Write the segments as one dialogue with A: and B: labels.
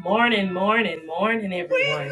A: Morning, morning, morning, everyone.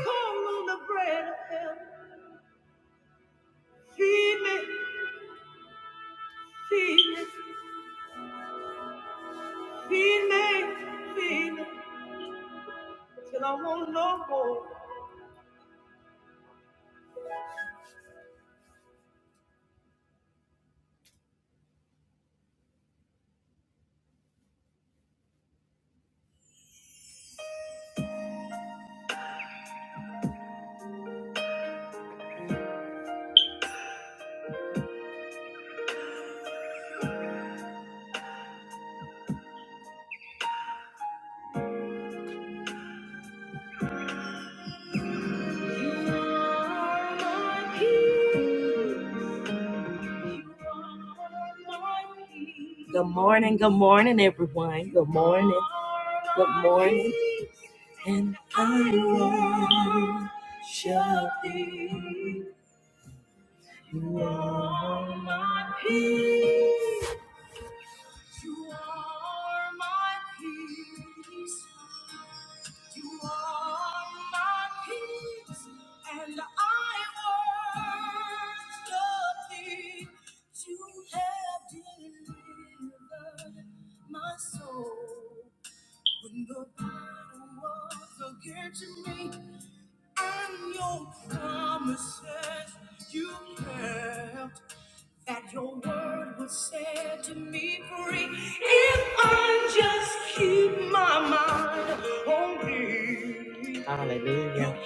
A: Good morning, good morning, everyone. Good morning, good morning. And I worship thee. Hallelujah.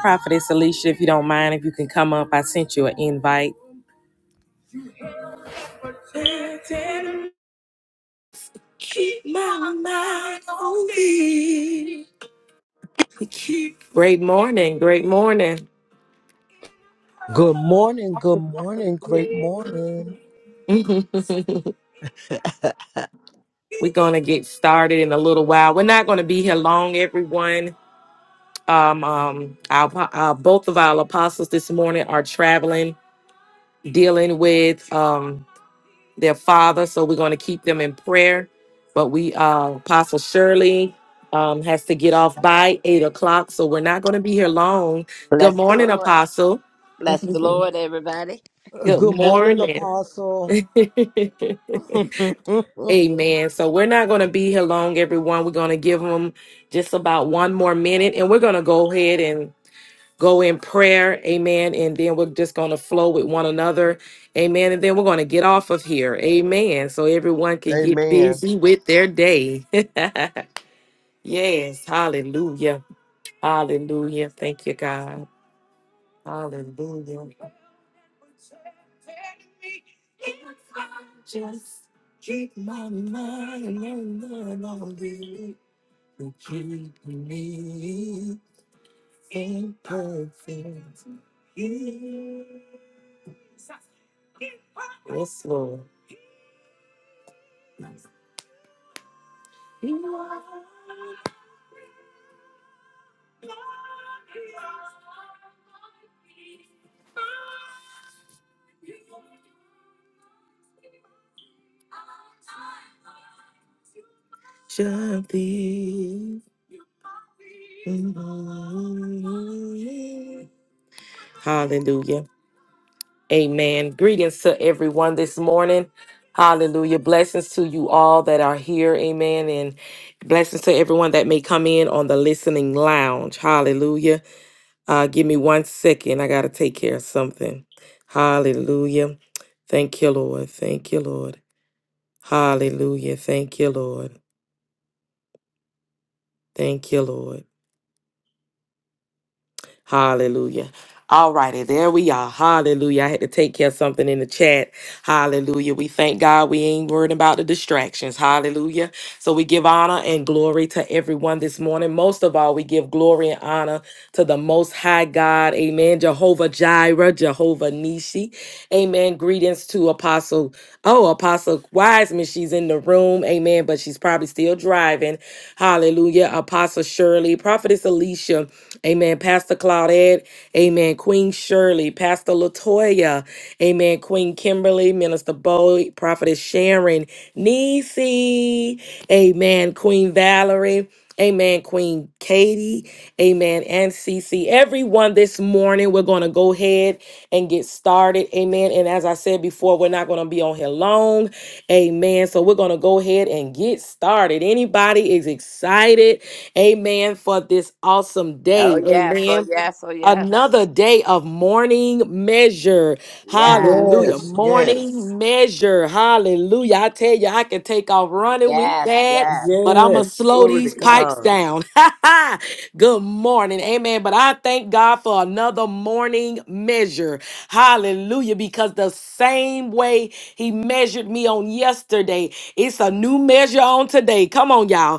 A: Prophetess Alicia, if you don't mind, if you can come up, I sent you an invite. Keep my mind on thee. Great morning. Great morning.
B: Good morning, good morning, great morning.
A: We're going to get started in a little while. We're not going to be here long, everyone. Um, um, our, our, both of our apostles this morning are traveling, dealing with um, their father. So we're going to keep them in prayer. But we, uh, Apostle Shirley um, has to get off by eight o'clock. So we're not going to be here long. Good
C: Bless the
A: morning,
C: Lord.
A: Apostle.
C: Bless the Lord, everybody.
B: Uh,
A: Good
B: Good morning,
A: morning.
B: Apostle.
A: Amen. So we're not going to be here long, everyone. We're going to give them just about one more minute and we're going to go ahead and go in prayer. Amen. And then we're just going to flow with one another. Amen. And then we're going to get off of here. Amen. So everyone can get
B: Amen.
A: busy with their day. yes. Hallelujah. Hallelujah. Thank you, God. Hallelujah. Just keep my mind on the Lord who keep me in perfect. peace. Yes, Lord. you are Shall be. Hallelujah. Amen. Greetings to everyone this morning. Hallelujah. Blessings to you all that are here. Amen. And blessings to everyone that may come in on the listening lounge. Hallelujah. Uh, give me one second. I got to take care of something. Hallelujah. Thank you, Lord. Thank you, Lord. Hallelujah. Thank you, Lord. Thank you, Lord. Hallelujah. All righty, there we are. Hallelujah. I had to take care of something in the chat. Hallelujah. We thank God we ain't worried about the distractions. Hallelujah. So we give honor and glory to everyone this morning. Most of all, we give glory and honor to the Most High God. Amen. Jehovah Jireh, Jehovah Nishi. Amen. Greetings to Apostle. Oh, Apostle Wiseman. She's in the room. Amen. But she's probably still driving. Hallelujah. Apostle Shirley, Prophetess Alicia. Amen. Pastor Claudette. Amen. Queen Shirley. Pastor Latoya. Amen. Queen Kimberly. Minister Bowie. Prophetess Sharon. Nisi. Amen. Queen Valerie. Amen. Queen Katie. Amen. And Cece. Everyone this morning, we're going to go ahead and get started. Amen. And as I said before, we're not going to be on here long. Amen. So we're going to go ahead and get started. Anybody is excited? Amen for this awesome
C: Oh,
A: day.
C: yes. Oh,
A: Amen.
C: yes. Oh, yes.
A: Another day of morning measure.
C: Yes.
A: Hallelujah.
B: Yes, Yes, yes,
A: Morning measure. Hallelujah. I tell you, I can take off running with
C: Yes.
A: that,
C: Yes.
A: but I'm going to
B: yes.
A: slow
B: Glory to
A: these pipes
B: God.
A: down. Good morning. Amen. But I thank God for another morning measure. Hallelujah. Because the same way He measured me on yesterday, it's a new measure on today. Come on, y'all.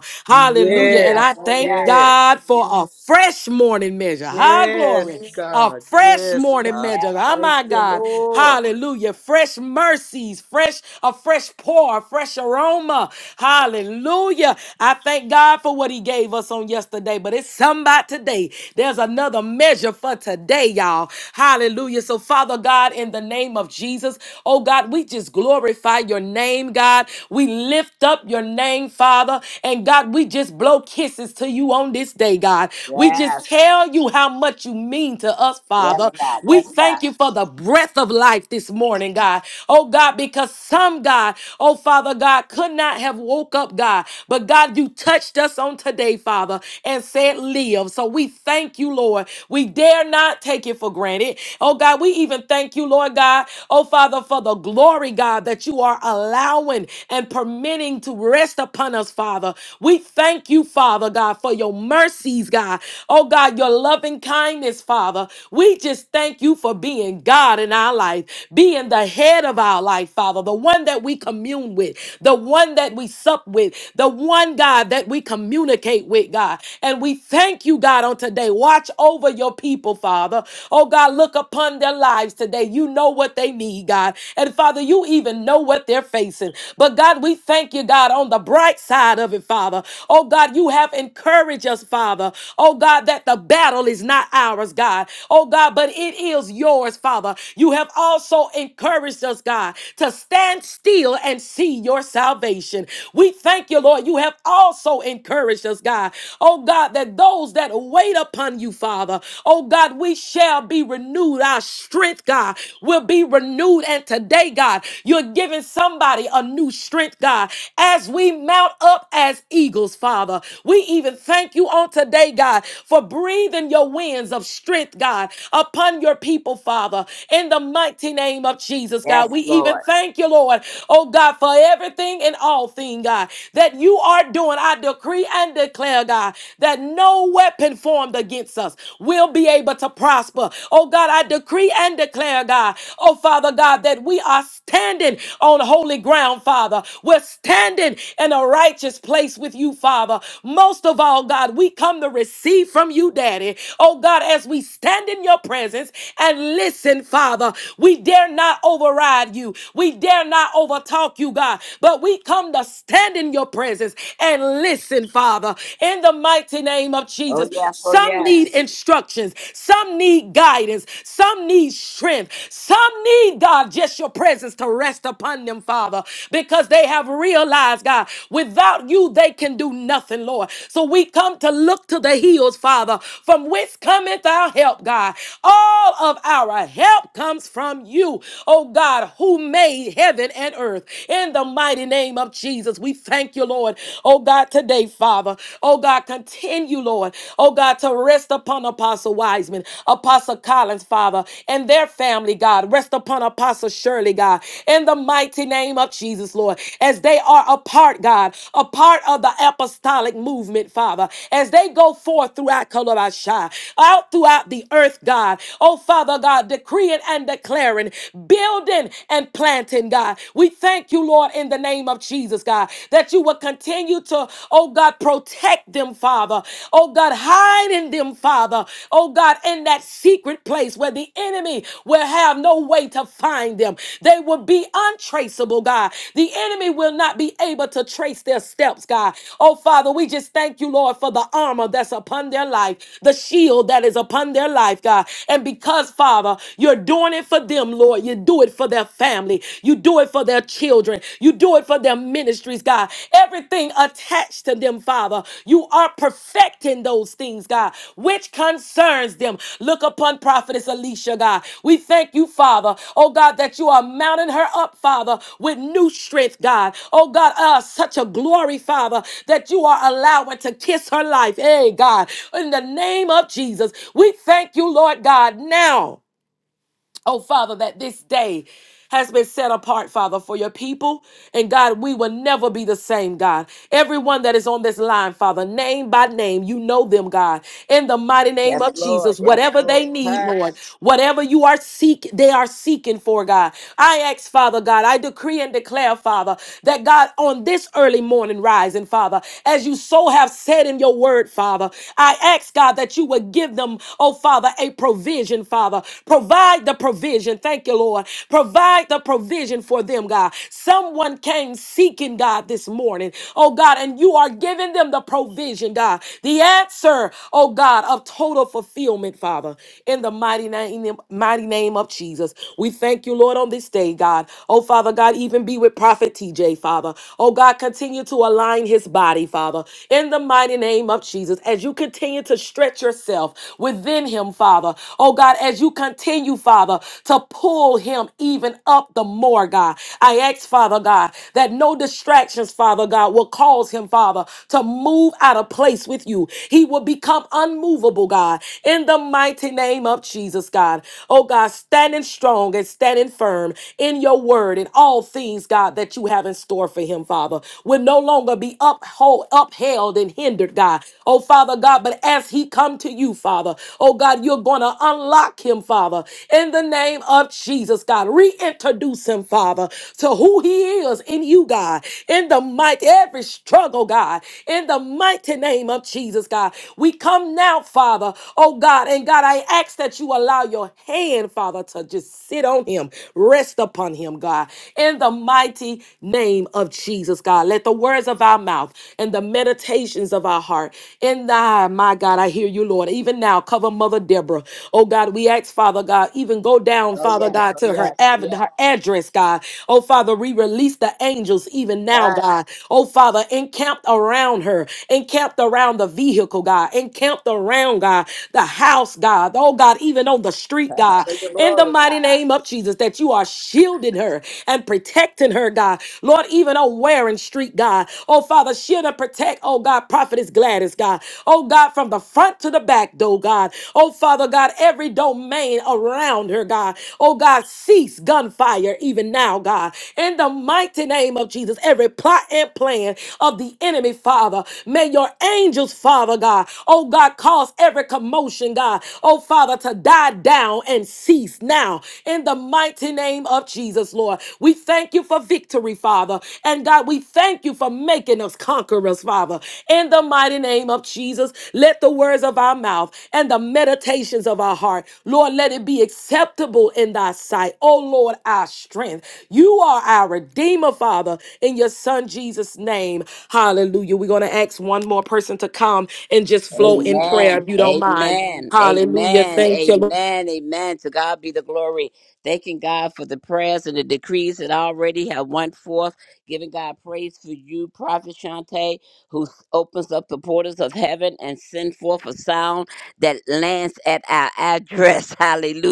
C: Oh,
A: Hallelujah. And
B: Yes,
C: yes.
A: I
C: Oh,
A: thank
C: yes.
B: yes,
A: God for a fresh morning measure. High
B: yes,
A: glory. A
B: God.
A: fresh
B: Yes,
A: morning
B: God.
C: Yes.
A: measure. Oh
B: Thank
A: my
B: you,
A: God.
B: Lord.
A: Hallelujah. Fresh mercies. Fresh, a fresh pour, a fresh aroma. Hallelujah. I thank God for what he gave us on yesterday. But it's something about today. There's another measure for today, y'all. Hallelujah. So, Father God, in the name of Jesus, oh God, we just glorify your name, God. We lift lift up your name, Father. And God, we just blow kisses to you on this day, God. We
C: Yes.
A: just tell you how much you mean to us,
C: Yes,
A: Father.
C: God.
A: We
C: Yes, God.
A: thank you for the breath of life this morning, God. Oh, God, because some, God, oh, Father, God, could not have woke up, God. But God, you touched us on today, Father, and said, live. So we thank you, Lord. We dare not take it for granted. Oh, God, we even thank you, Lord God. Oh, Father, for the glory, God. God, that you are allowing and permitting to rest upon us, Father. We thank you, Father God, for your mercies, God. Oh God, your loving kindness, Father. We just thank you for being God in our life, being the head of our life, Father, the one that we commune with, the one that we sup with, the one, God, that we communicate with, God. And we thank you, God, on today. Watch over your people, Father. Oh God, look upon their lives today. You know you know what they need, God. And Father, you even know what they're facing. But God, we thank you, God, on the bright side of it, Father. Oh God, you have encouraged us, Father. Oh God, that the battle is not ours, God. Oh God, but it is yours, Father. You have also encouraged us, God, to stand still and see your salvation. We thank you, Lord. You have also encouraged us, God. Oh God, that those that wait upon you, Father, oh God, we shall shall be renewed. Our strength, God, will be renewed. And today, God, you're giving somebody a new strength, God, as we mount up as eagles, Father. We even thank you on today, God, for breathing your winds of strength, God, upon your people, Father, in the mighty name of Jesus, God.
C: Yes,
A: We even
C: Lord.
A: thank you, Lord, oh God, for everything and all thing, God, that you are doing. I decree and declare, God, that no weapon formed formed against us will be able to prosper. Oh God, I decree and declare, God, oh Father God, that we are standing on holy ground, Father. We're standing in a righteous place with you, Father. Most of all, God, we come to receive from you, Daddy. Oh God, as we stand in your presence and listen, Father, we dare not override you. We dare not overtalk you, God, but we come to stand in your presence and listen, Father in the mighty name of
C: Oh,
A: Jesus.
C: yes. Oh,
A: Some
C: yes.
A: need instructions, some need guidance, some need strength, some need, God, just your presence to rest upon them, Father, because they have realized, God, without you, they can do nothing, Lord. So we come to look to the hills, Father, from whence cometh our help, God. All of our help comes from you, oh God, who made heaven and earth. In the mighty name of Jesus, we thank thank you, Lord. Oh God, today, Father. Oh God, continue, Lord. Oh God, to rest upon Apostle Wiseman, Apostle Collins, Father, and their family, God. Rest upon Apostle Shirley, God. In the mighty name of Jesus, Lord, as they are a part, God, a part of the apostolic movement, Father, as they go forth throughout Kolobashai, out throughout the earth, God. Oh Father God, decreeing and declaring, building and planting, God. We thank thank you, Lord, in the name of Jesus, God, that you will continue to, oh God, protect them, Father. Oh God, hide in them, Father. Oh God, in that secret place where the enemy will have no way to find them. They will be untraceable, God. The enemy will not be able to trace their steps, God. Oh Father, we just thank you, Lord, for the armor that's upon their life, the shield that is upon their life, God. And because, Father, you're doing it for them, Lord, you do it do it for their family. You do it for their children. You do it for their ministries, God. Everything attached to them, Father. You are perfecting those things, God, which concerns them. Look upon Prophetess Alicia, God. We thank you, Father. Oh, God, that you are mounting her up, Father, with new strength, God. Oh, God, uh, such a glory, Father, that you are allowing to kiss her life. Hey, God, in the name of Jesus, we thank you, Lord God, now Oh, Father, that this day has been set apart, Father, for your people. And God, we will never be the same, God. Everyone that is on this line, Father, name by name, you know them, God. In the mighty name
C: Yes,
A: of
C: Lord.
A: Jesus,
C: Yes,
A: whatever
C: Lord.
A: they need,
C: Touch.
A: Lord, whatever you are seek, they are seeking for, God. I ask, Father God, I decree and declare, Father, that God, on this early morning rising, Father, as you so have said in your word, Father, I ask, God, that you would give them oh Father, a provision, Father. Provide the provision. Thank you, Lord. Provide the provision for them, God. Someone came seeking, God, this morning, oh God, and you are giving them the provision, God. The answer, oh God, of total fulfillment, Father, in the mighty name, in the mighty name of Jesus. We thank you, Lord, on this day, God. Oh Father, God, even be with Prophet TJ, Father. Oh God, continue to align his body, Father, in the mighty name of name of Jesus, as you continue to stretch yourself within him, Father, oh God, as you continue, Father, to pull him even up the more, God, I ask, Father God, that no distractions, Father God, will cause him, Father, to move out of place with you. He will become unmovable, God, in the mighty name of Jesus, God. Oh God, standing strong and standing firm in your word and all things, God, that you have in store for him, Father, with no no longer be uphold, upheld and hindered, God. Oh, Father God, but as he come to you, Father, oh God, you're going to unlock him, Father, in the name of Jesus, God. Reintroduce him, Father, to who he is in you, God, in the mighty, every struggle, God, in the mighty name of Jesus, God. We come now, Father, oh God, and God, I ask that you allow your hand, Father, to just sit on him, rest upon him, God, in in the mighty name of Jesus, God. Let the words of our mouth and the meditations of our heart in thy, my God, I hear you, Lord. Even now, cover Mother Deborah. Oh, God, we ask, Father God, even go down,
C: Oh,
A: Father
C: yes.
A: God,
C: Oh,
A: to her,
C: yes. Oh,
A: av-
C: yes.
A: her address, God. Oh, Father, we release the angels even now,
C: Touch.
A: God. Oh, Father, encamped around her, encamped around the vehicle, God, encamped around, God, the house, God. Oh, God, even on the street,
C: Touch
A: God.
C: for your
A: In the
C: glory,
A: mighty mighty
C: God.
A: name of Jesus, that you are shielding her and protecting her, God. Lord, even on Waring Street, God. Oh, Father, shield and protect, oh God, Prophetess Gladys, God. Oh, God, from the front to the back, though, God. Oh, Father, God, every domain around her, God. Oh, God, cease gunfire even now, God. In the mighty name of Jesus, every plot and plan of the enemy, Father, may your angels, Father, God. Oh, God, cause every commotion, God oh Father, to die down and cease now in the mighty name of Jesus, Lord. We thank you for victory, Father. And God, we thank you for making us conquerors, Father. In the mighty name of Jesus, let the words of our mouth and the meditations of our heart, Lord, let it be acceptable in thy sight. Oh Lord, our strength. You are our Redeemer, Father, in your Son Jesus' name. Hallelujah. We're going to ask one more person to come and just flow in prayer
C: Amen.
A: if you don't mind.
C: Amen.
A: Hallelujah.
C: Amen.
A: Thank you. Lord.
C: Amen. Amen. To God be the glory. Thanking God for the prayers and the decrees that already have went forth. Giving God praise for you, Prophet Shante, who s- opens up the portals of heaven and send forth a sound that lands at our address.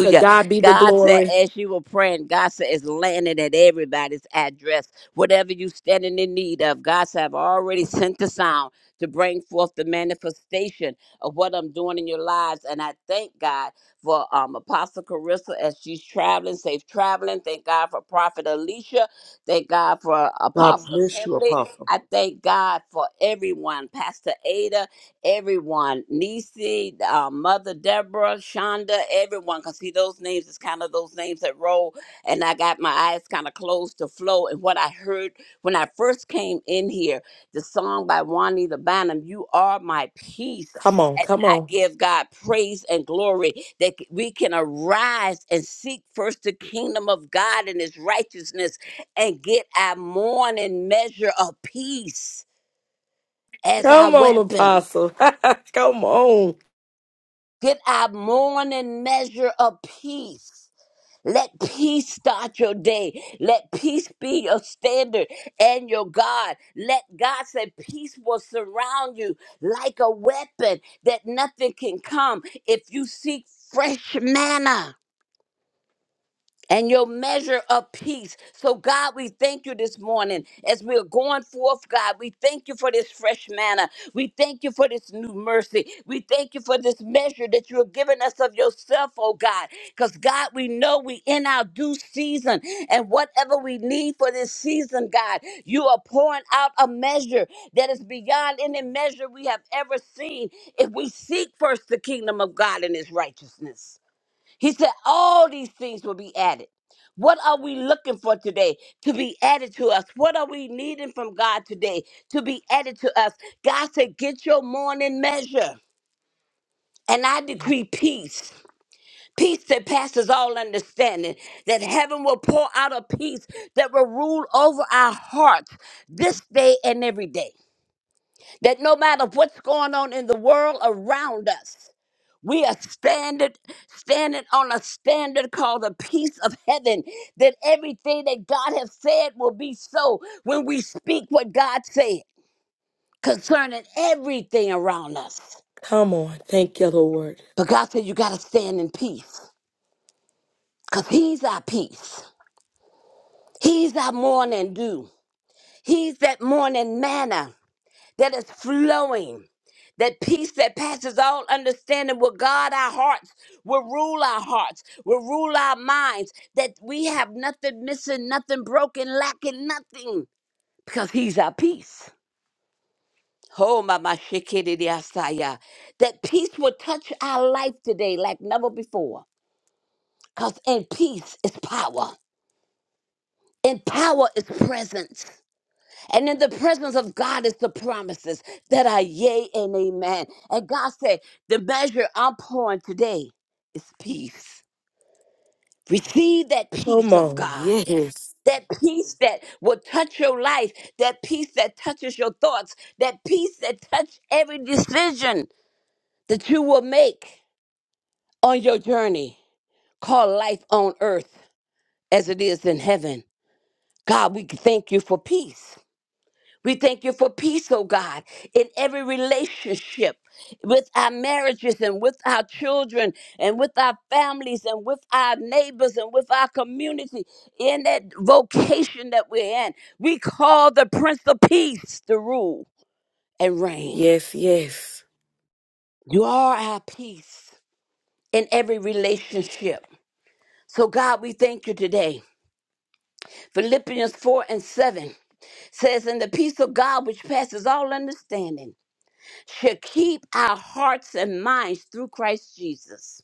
A: To God be the
C: God said,
A: glory.
C: as you were praying, God said, it's landing at everybody's address. Whatever you standing in need of, God said, I've already sent the sound to bring forth the manifestation of what I'm doing in your lives. And I thank God for um, Apostle Carissa as she's traveling, safe traveling. Thank God for Prophet Alicia. Thank God for
B: God
C: Apostle
B: bless you,
C: Kimley.
B: Apostle.
C: I thank God for everyone, Pastor Ada, everyone, Nisi, uh, Mother Deborah, Shonda, everyone. Because see, those names is kind of those names that roll. And I got my eyes kind of closed to flow. And what I heard when I first came in here, the song by Juanita Bynum, You Are My Peace.
A: Come on,
C: And
A: come
C: I
A: on.
C: give God praise and glory that c- we can arise and seek first the kingdom of God and his righteousness and get our morning measure of peace as our
A: Come on,
C: weapon.
A: Apostle. come on.
C: Get our morning measure of peace. Let peace start your day. Let peace be your standard and your God. Let God say peace will surround you like a weapon that nothing can come if you seek fresh manna and your measure of peace. So, God, we thank you this morning as we're going forth, God. We thank you for this fresh manna. We thank you for this new mercy. We thank you for this measure that you have given us of yourself, oh God. Because, God, we know we in our due season and whatever we need for this season, God, you are pouring out a measure that is beyond any measure we have ever seen if we seek first the kingdom of God and his righteousness. He said, All these things will be added. What are we looking for today to be added to us? What are we needing from God today to be added to us? God said, Get your morning measure. And I decree peace, peace that passes all understanding, that heaven will pour out a peace that will rule over our hearts this day and every day. That no matter what's going on in the world around us, we are standard, standing on a standard called the peace of heaven. That everything that God has said will be so when we speak what God said concerning everything around us.
A: Come on. Thank you, Lord.
C: But God said you gotta stand in peace. Cause He's our peace. He's our morning dew. He's that morning manna. that is flowing. That peace that passes all understanding will guard our hearts, will rule our hearts, will rule our minds, that we have nothing missing, nothing broken, lacking, nothing, because He's our peace. Oh, my, my, shikiridiasaya. that peace will touch our life today like never before, because in peace is power, in power is presence. And in the presence of God is the promises that are yea and amen. And God said, the measure I'm pouring today is peace. Receive that
A: Come
C: peace of
A: on.
C: God.
A: Yes.
C: That peace that will touch your life, that peace that touches your thoughts, that peace that touch every decision that you will make on your journey called life on earth as it is in heaven. God, we thank you for peace. We thank you for peace, oh God, in every relationship with our marriages and with our children and with our families and with our neighbors and with our community in that vocation that we're in. We call the Prince of Peace to rule and reign.
A: Yes, yes.
C: You are our peace in every relationship. So, God, we thank you today. Philippians 4 and 7 says, And the peace of God, which passes all understanding to keep our hearts and minds through Christ Jesus.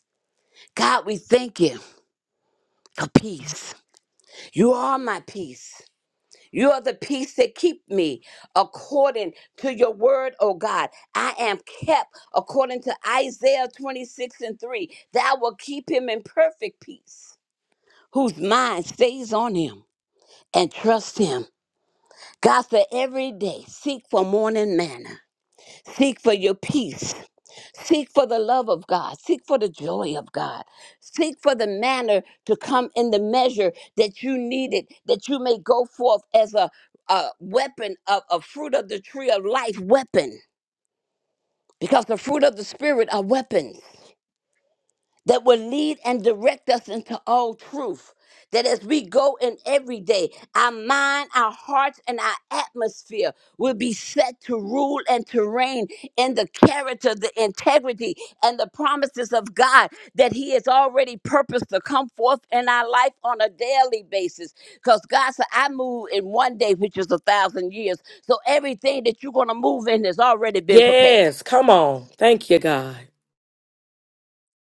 C: God, we thank you for peace. You are my peace. You are the peace that keep me according to your word, O God. I am kept according to Isaiah 26 and 3. Thou will keep him in perfect peace, whose mind stays on him and trust him. God, for every day, seek for morning manna. Seek for your peace Seek for the love of God. Seek for the joy of God. Seek for the manner to come in the measure that you need it, that you may go forth as a, a weapon of a fruit of the tree of life weapon. Because the fruit of the spirit are weapons that will lead and direct us into all truth. That as we go in every day, our mind, our hearts, and our atmosphere will be set to rule and to reign in the character, the integrity, and the promises of God that He has already purposed to come forth in our life on a daily basis. Because God said, I move in one day, which is a thousand years. So everything that you're going to move in has already been prepared,
A: Yes. Come on. Thank you, God.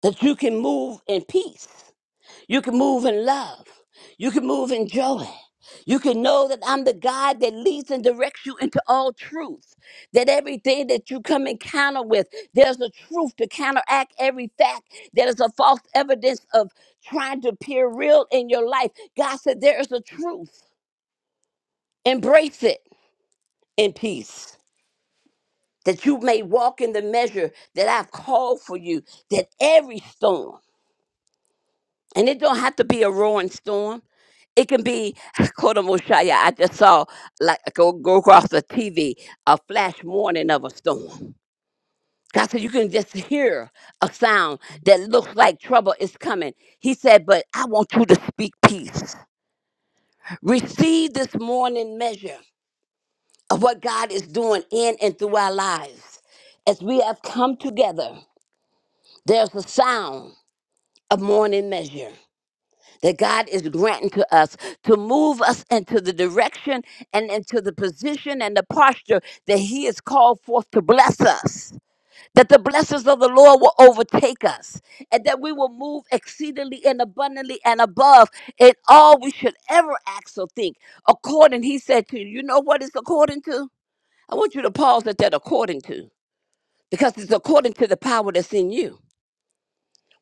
C: that you can move in peace You can move in love. You can move in joy. You can know that I'm the God that leads and directs you into all truth. That everything that you come encounter with, there's a truth to counteract every fact that is a false evidence of trying to appear real in your life. God said there is a truth. Embrace it in peace. That you may walk in the measure that I've called for you, that every storm And it don't have to be a roaring storm. It can be quote Moshaya. I just saw like go go across the TV a flash warning of a storm. God said you can just hear a sound that looks like trouble is coming. He said, but I want you to speak peace. Receive this morning measure of what God is doing in and through our lives. As we have come together, there's a sound of morning measure. that God is granting to us to move us into the direction and into the position and the posture that He has called forth to bless us. That the blessings of the Lord will overtake us and that we will move exceedingly and abundantly and above in all we should ever ask or think. According, He said to you, you know what it's according to? I want you to pause at that according to because it's according to the power that's in you.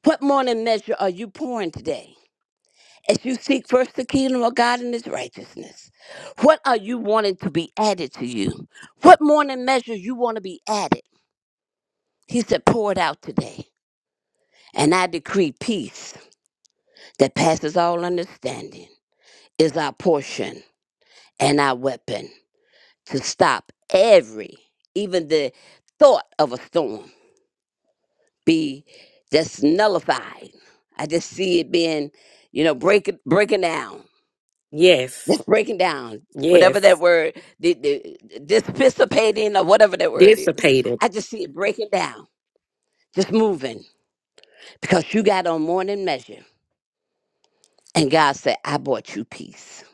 C: What morning measure are you pouring today? as you seek first the kingdom of God and his righteousness. What are you wanting to be added to you? What morning measures you want to be added? He said, pour it out today. And I decree peace that passes all understanding is our portion and our weapon to stop every, even the thought of a storm, be that's nullified. I just see it being, you know, break, breaking down
A: Yes.
C: Just breaking down whatever that
A: Yes.
C: word, the, the, dissipating or whatever that word is.
A: Dissipated.
C: I just see it breaking down, just moving because you got on more than measure. And God said, I bought you peace.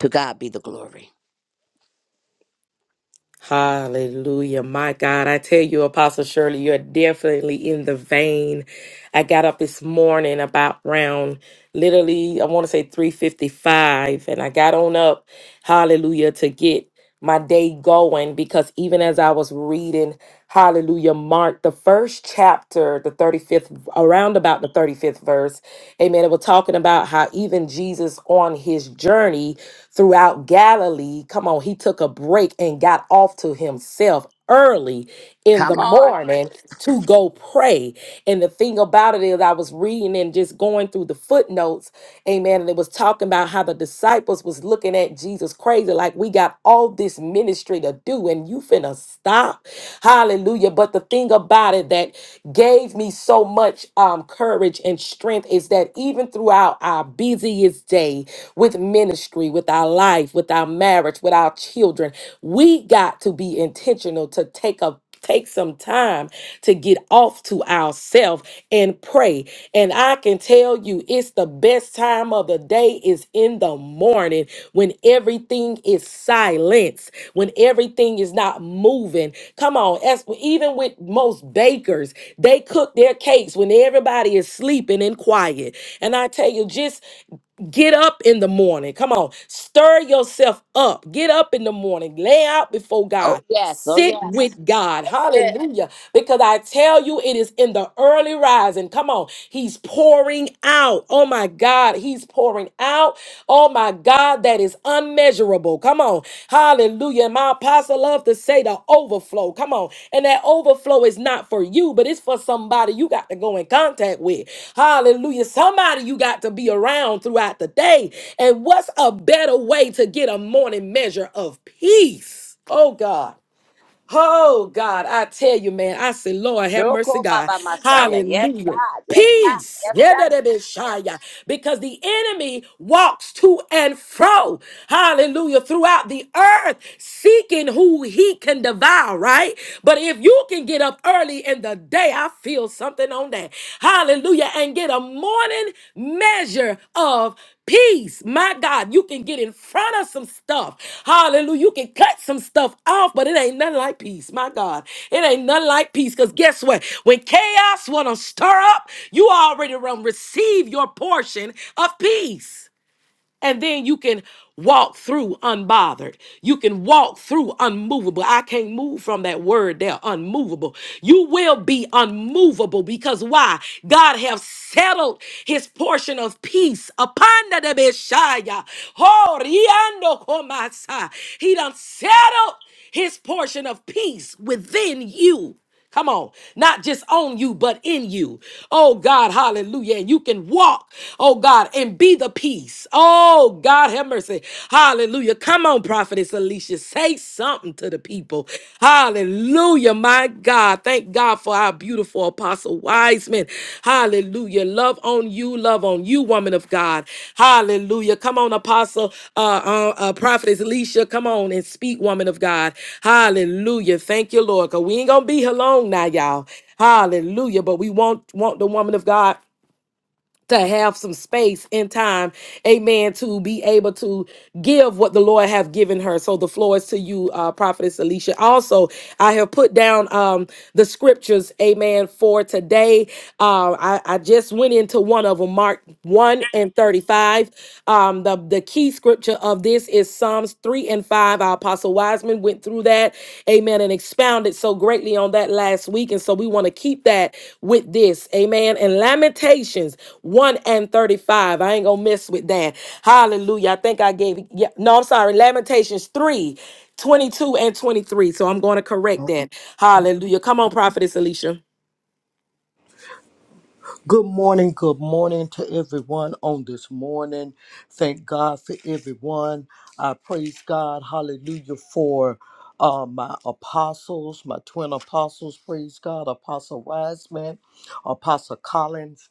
C: To God be the glory.
A: Hallelujah. My God, I tell you, Apostle Shirley, you're definitely in the vein. I got up this morning about round literally, I want to say 355, and I got on up, hallelujah, to get my day going because even as I was reading, hallelujah, Mark, the first chapter, the 35th, around about the 35th verse, amen, it was talking about how even Jesus on his journey, throughout Galilee. Come on, he took a break and got off to himself early in the
C: Come on.
A: morning to go pray. And the thing about it is, I was reading and just going through the footnotes, amen. And it was talking about how the disciples was looking at Jesus crazy, like we got all this ministry to do, and you finna stop. Hallelujah. But the thing about it that gave me so much um, courage and strength is that even throughout our busiest day with ministry, with our life, with our marriage, with our children, we got to be intentional to take a take some time to get off to ourselves and pray and I can tell you, it's the best time of the day is in the morning when everything is silence, when everything is not moving. Come on, as, even with most bakers, they cook their cakes when everybody is sleeping and quiet. And I tell you, just get up in the morning. Come on, stir yourself up. Get up in the morning. Lay out before
C: Oh,
A: God.
C: yes. Oh,
A: Sit
C: yes.
A: with God.
C: That's it.
A: Hallelujah. Because I tell you, it is in the early rising. Come on. He's pouring out. Oh my God. He's pouring out. Oh my God. That is unmeasurable. Come on. Hallelujah. My apostle loves to say the overflow. Come on. And that overflow is not for you, but it's for somebody you got to go in contact with. Hallelujah. Somebody you got to be around throughout the day. And what's a better way to get a morning measure of peace? Oh God. Oh God, I tell you, man, I say, Lord, have
C: Sure,
A: mercy,
C: call by
A: God.
C: my Messiah. Yes,
A: Hallelujah.
C: God. Yes, God.
A: Peace.
C: Yes,
A: Yeah,
C: God.
A: that it is shy, yeah. Because the enemy walks to and fro. Hallelujah. Throughout the earth, seeking who he can devour, right? But if you can get up early in the day, I feel something on that. Hallelujah. And get a morning measure of peace. My God, you can get in front of some stuff. Hallelujah. You can cut some stuff off, but it ain't nothing like peace. My God, it ain't nothing like peace. Because guess what? When chaos want to stir up, you already run receive your portion of peace. And then you can walk through unbothered. You can walk through unmovable. I can't move from that word there, unmovable. You will be unmovable because why? God have settled his portion of peace upon the Beshaya. Oh, riando komasa. He done settled his portion of peace within you. Come on, not just on you, but in you. Oh God, hallelujah. And you can walk, oh God, and be the peace. Oh God, have mercy. Hallelujah. Come on, Prophetess Alicia, say something to the people. Hallelujah, my God. Thank God for our beautiful apostle. Apostle Wiseman. Hallelujah. Love on you, love on you, woman of God. Hallelujah. Come on, Apostle, uh, uh, uh, Prophetess Alicia, come on and speak, woman of God. Hallelujah. Thank you, Lord, because we ain't going to be here long now, y'all. Hallelujah. But we want, want the woman of God to have some space and time, amen, to be able to give what the Lord have given her. So the floor is to you, uh, Prophetess Alicia. Also, I have put down um, the scriptures, amen, for today. Uh, I, I just went into one of them, Mark 1 and 35. Um, the, the key scripture of this is Psalms 3 and 5. Our Apostle Wiseman went through that, amen, and expounded so greatly on that last week. And so we want to keep that with this, amen. And Lamentations 1 and 35. I ain't going to mess with that. Hallelujah. I think I gave, yeah, no, I'm sorry, Lamentations three, twenty-two and 23. So I'm going to correct that. Hallelujah. Come on, Prophetess Alicia.
B: Good morning, good morning to everyone on this morning. Thank God for everyone. I praise God, hallelujah, for uh, my apostles, my twin apostles. Praise God, Apostle Wiseman, Apostle Collins.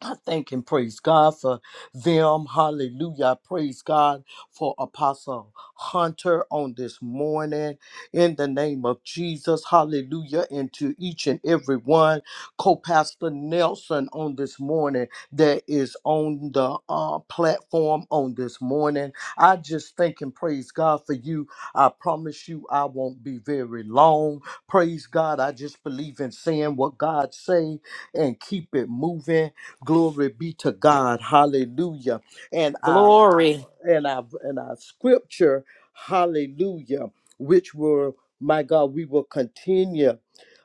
B: I thank and praise God for them. Hallelujah. I praise God for Apostle Hunter on this morning in the name of Jesus. Hallelujah. And to each and every one, co pastor Nelson on this morning that is on the uh, platform on this morning. I just thank and praise God for you. I promise you, I won't be very long. Praise God. I just believe in saying what God say and keep it moving Glory be to God. Hallelujah. And our
A: Glory.
B: and our and our scripture, hallelujah, which were my God, we will continue,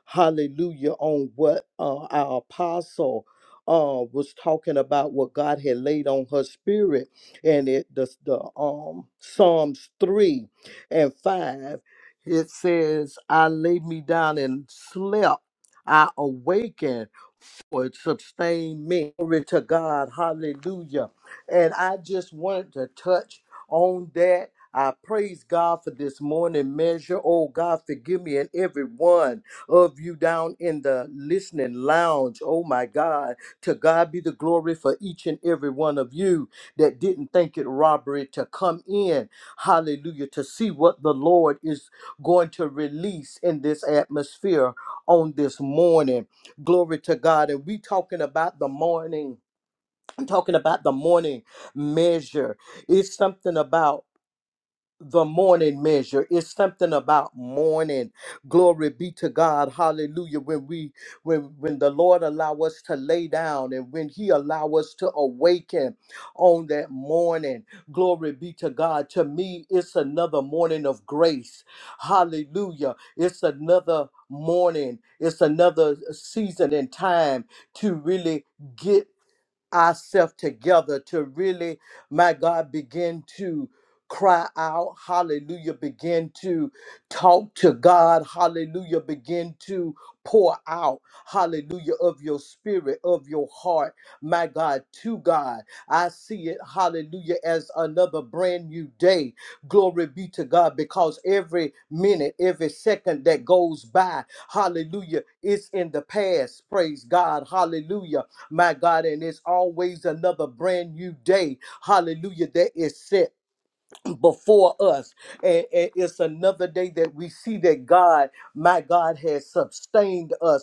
B: hallelujah, on what uh, our apostle uh, was talking about, what God had laid on her spirit, and it the the um Psalms three and five, it says, "I laid me down and slept; I awakened." would sustain me. Glory to God. Hallelujah. And I just wanted to touch on that. I praise God for this morning measure. Oh God, forgive me and every one of you down in the listening lounge. Oh my God. To God be the glory for each and every one of you that didn't think it robbery to come in. Hallelujah. To see what the Lord is going to release in this atmosphere on this morning. Glory to God. And we talking about the morning. I'm talking about the morning measure. It's something about the morning measure it's something about morning glory be to god hallelujah when we when when the lord allow us to lay down and when he allow us to awaken on that morning glory be to god to me it's another morning of grace hallelujah it's another morning it's another season and time to really get ourselves together to really, my God, begin to cry out, hallelujah, begin to talk to God, hallelujah, begin to pour out, hallelujah, of your spirit, of your heart, my God, to God. I see it, hallelujah, as another brand new day. Glory be to God, because every minute, every second that goes by, hallelujah, it's in the past. Praise God, hallelujah my God, and it's always another brand new day, hallelujah, that is set before us. And, and it's another day that we see that God, my God, has sustained us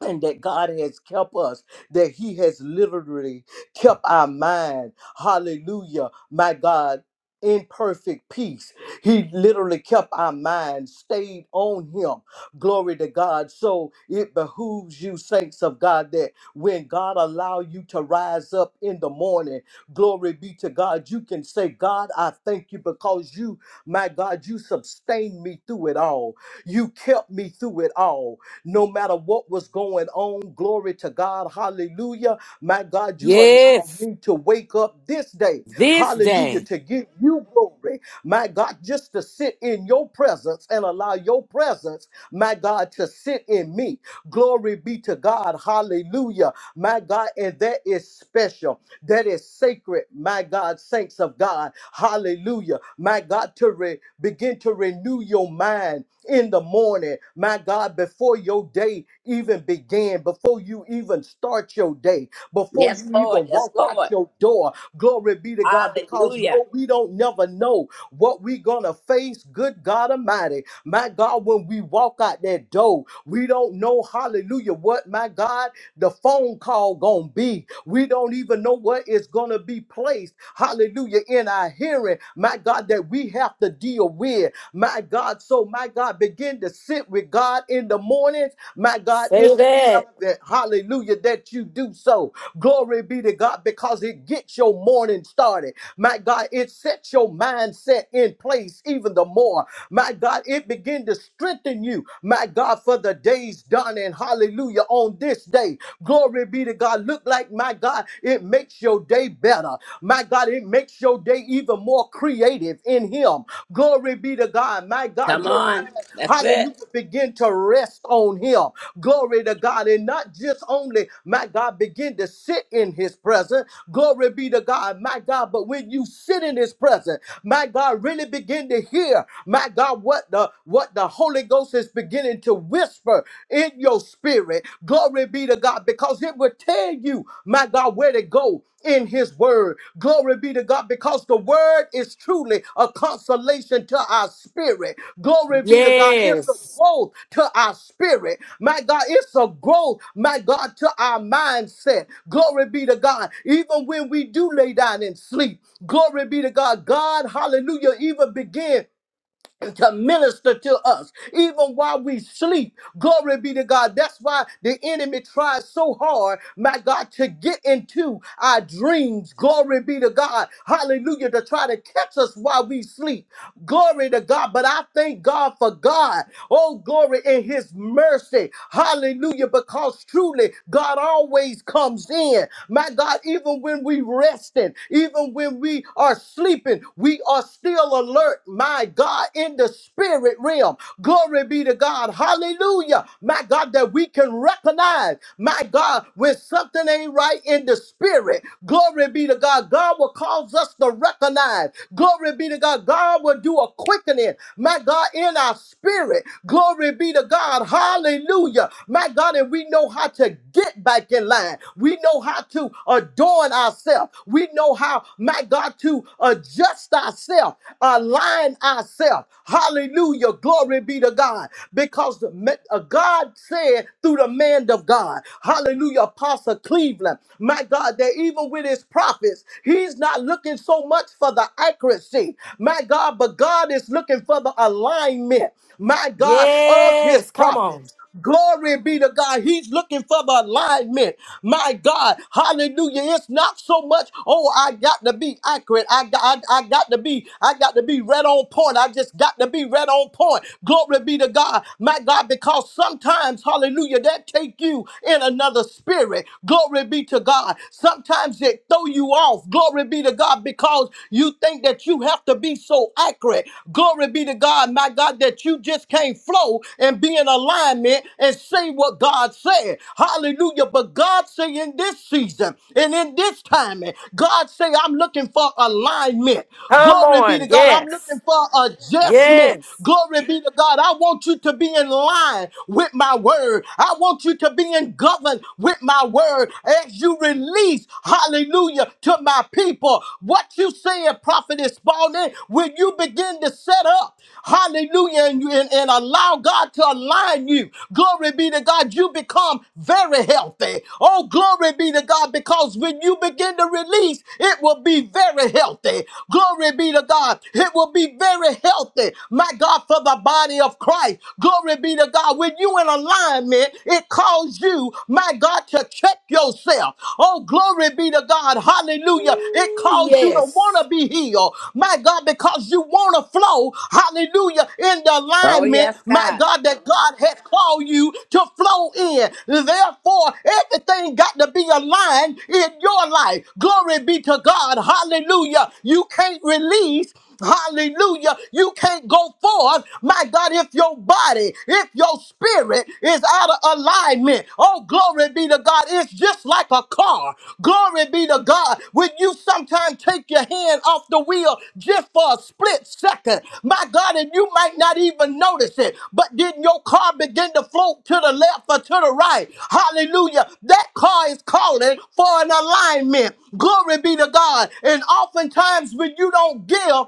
B: and that God has kept us, that He has literally kept our mind. Hallelujah, my God. In perfect peace. He literally kept our mind stayed on him. Glory to God. So it behooves you, saints of God, that when God allow you to rise up in the morning, glory be to God, you can say, God, I thank you because you, my God, you sustained me through it all. You kept me through it all no matter what was going on. Glory to God. Hallelujah. My God, you allowed
A: Yes.
B: me to wake up this day.
A: This
B: Hallelujah.
A: day.
B: To give you glory. My God, just to sit in your presence and allow your presence, my God, to sit in me. Glory be to God. Hallelujah. My God, and that is special. That is sacred, my God, saints of God. Hallelujah. My God, to re- begin to renew your mind in the morning, my God, before your day even began, before you even start your day, before
C: Yes,
B: you
C: Lord.
B: even
C: Yes,
B: walk out
C: Lord.
B: your door. Glory be to God, because
C: Hallelujah.
B: no, we don't never know what we gonna face. Good God Almighty, my God, when we walk out that door, we don't know, hallelujah, what my God, the phone call gonna be. We don't even know what is gonna be placed, hallelujah, in our hearing, my God, that we have to deal with. My God, so my God, begin to sit with God in the mornings. My God, it's
A: Say that.
B: irrelevant. Hallelujah, that you do so. Glory be to God because it gets your morning started. My God, it sets your mindset in place even the more. My God, it begin to strengthen you. My God, for the days done and hallelujah on this day. Glory be to God. Look like my God, it makes your day better. My God, it makes your day even more creative in Him. Glory be to God. My God,
C: Come
B: your
C: on.
B: mind,
C: That's it.
B: hallelujah, begin to rest on him. Glory to God. And not just only, my God, begin to sit in his presence. Glory be to God, my God. But when you sit in his presence, my God, really begin to hear, my God, what the what the Holy Ghost is beginning to whisper in your spirit. Glory be to God, because it will tell you, my God, where to go in his word. Glory be to God because the word is truly a consolation to our spirit. Glory be to God. It's a
A: Yes.
B: growth to our spirit. My God, it's a growth, my God, to our mindset. Glory be to God. Even when we do lay down and sleep, glory be to God. God, hallelujah, even begin on to minister to us, even while we sleep. Glory be to God. That's why the enemy tries so hard, my God, to get into our dreams. Glory be to God. Hallelujah. To try to catch us while we sleep. Glory to God. But I thank God for God. Oh, glory in his mercy. Hallelujah. Because truly, God always comes in. My God, even when we resting, even when we are sleeping, we are still alert. My God, in the spirit realm. Glory be to God. Hallelujah. My God, that we can recognize, my God, when something ain't right in the spirit. Glory be to God. God will cause us to recognize. Glory be to God. God will do a quickening, my God, in our spirit. Glory be to God. Hallelujah. My God, and we know how to get back in line. We know how to adorn ourselves. We know how, my God, to adjust ourselves, align ourselves. Hallelujah. Glory be to God. Because the ma- uh, God said through the man of God, hallelujah, Apostle Cleveland, my God, that even with his prophets, he's not looking so much for the accuracy, my God, but God is looking for the alignment, my God, of his
A: Yes. Come on.
B: prophets. Glory be to God. He's looking for the alignment. My God, hallelujah. It's not so much, oh, I got to be accurate. I got, I, I got to be, I got to be red on point. I just got to be red on point. Glory be to God. My God, because sometimes, hallelujah, that take you in another spirit. Glory be to God. Sometimes it throw you off. Glory be be to God because you think that you have to be so accurate. Glory be to God, my God, that you just can't flow and be in alignment and say what God said. Hallelujah. But God say in this season and in this timing, God say, I'm looking for alignment.
A: Come
B: Glory be
A: on.
B: to God. I'm
A: Yes.
B: looking for adjustment.
A: Yes.
B: Glory be to God. I want you to be in line with my word. I want you to be in govern with my word as you release, hallelujah, to my people. What you saying, Prophetess Spalding, when you begin to set up, hallelujah, and, you, and, and allow God to align you, glory be to God, you become very healthy. Oh, glory be to God, because when you begin to release, it will be very healthy. Glory be to God, it will be very healthy. My God, for the body of Christ, glory be to God, when you in alignment, discernment, it calls you, my God, to check yourself. Oh, glory be to God. Hallelujah. It
A: Ooh,
B: calls you to want
A: Yes.
B: to be healed, my God, because you want to flow, hallelujah, in the
C: Oh,
B: alignment,
C: yes,
B: my
C: God.
B: God, that God has called you to flow in. Therefore, everything got to be aligned in your life. Glory be to God. Hallelujah. You can't release. Hallelujah. You can't go forward, my God, if your body, if your spirit is out of alignment. Oh, glory be to God. It's just like a car. Glory be to God. When you sometimes take your hand off the wheel just for a split second, my God, and you might not even notice it, but then your car begin to float to the left or to the right. Hallelujah. That car is calling for an alignment. Glory be to God. And oftentimes when you don't give,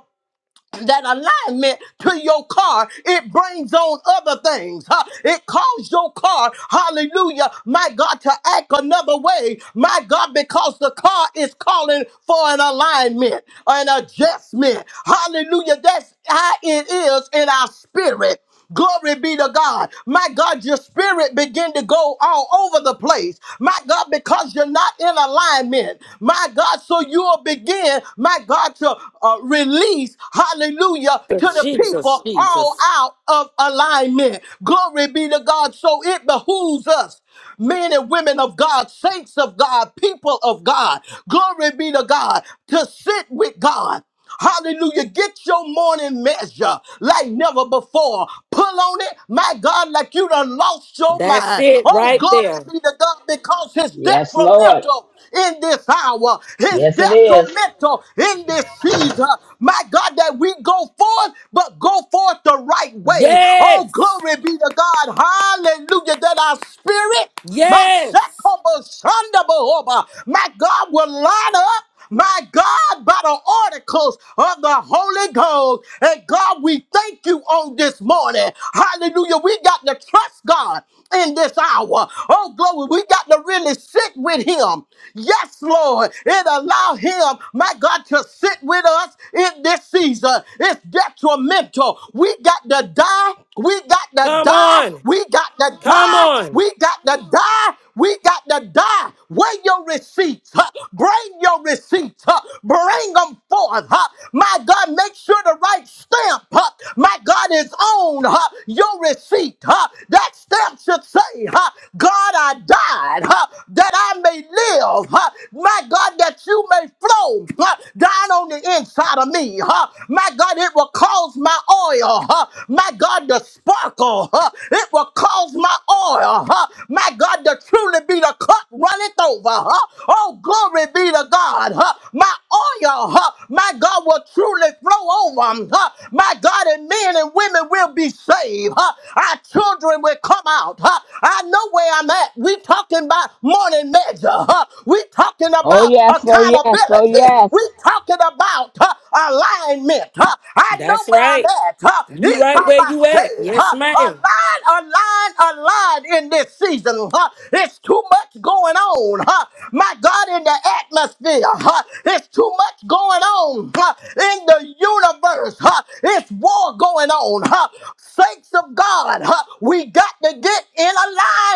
B: that alignment to your car, it brings on other things. huh? It calls your car, hallelujah, my God, to act another way, my God, because the car is calling for an alignment, an adjustment. Hallelujah. That's how it is in our spirit. Glory be to God. My God, your spirit begin to go all over the place. My God, because you're not in alignment. My God, so you'll begin, my God, to uh, release, hallelujah, to the
A: Jesus,
B: people all
A: Jesus.
B: out of alignment. Glory be to God. So it behooves us men and women of God, saints of God, people of God. Glory be to God to sit with God. Hallelujah. Get your morning measure like never before. Pull on it, my God, like you done lost your
A: That's
B: mind.
A: it
B: Oh,
A: right
B: glory
A: there.
B: be to God because it's
C: Yes, Lord.
B: detrimental in this hour. It's
C: Yes, it is.
B: detrimental in this season. My God, that we go forth, but go forth the right way. Oh,
A: Yes.
B: glory be to God. Hallelujah. That our spirit my
A: Yes.
B: Shekobo Shandabooba. My God will line up. My God, by the oracles of the Holy Ghost. And God, we thank you on this morning. Hallelujah. We got to trust God in this hour. Oh, glory. We got to really sit with Him. Yes, Lord. And allow Him, my God, to sit with us in this season. It's detrimental. We got to die. We got to
A: Come
B: die.
A: on.
B: We got to
A: Come
B: die.
A: on.
B: We got to die. We got to die. Weigh your receipts. huh? Bring your receipts. huh? Bring them forth. huh? My God, make sure the right stamp, huh? my God, is on huh? your receipt. huh? That stamp should say, huh? God, I died huh? that I may live. huh? My God, that you may flow huh? down on the inside of me. huh? huh, my God, it will cause my oil, huh, my God, to sparkle. huh, It will cause my oil, huh, my God, to truly be the cup runneth over. huh. Oh, glory be to God. huh. My oil, huh, my God, will truly flow over. um, huh. My God, and men and women will be saved. huh. Our children will come out. huh. I know where I'm at. We talking about morning measure. huh. We talking
C: Oh,
B: about uh,
C: yes, oh, yes, oh,
B: accountability. We're
C: yes.
B: talking about uh, alignment. Uh, I know
A: That's
B: where I'm
A: right.
B: at. Uh,
A: You
B: it come
A: right where
B: I
A: you
B: say,
A: at. Yes,
B: uh,
A: ma'am.
B: align, align, align in this season. Uh, it's too much going on. Uh, my God, in the atmosphere, uh, it's too much going on uh, in the universe. Uh, it's war going on. Uh, saints of God, uh, we got to get in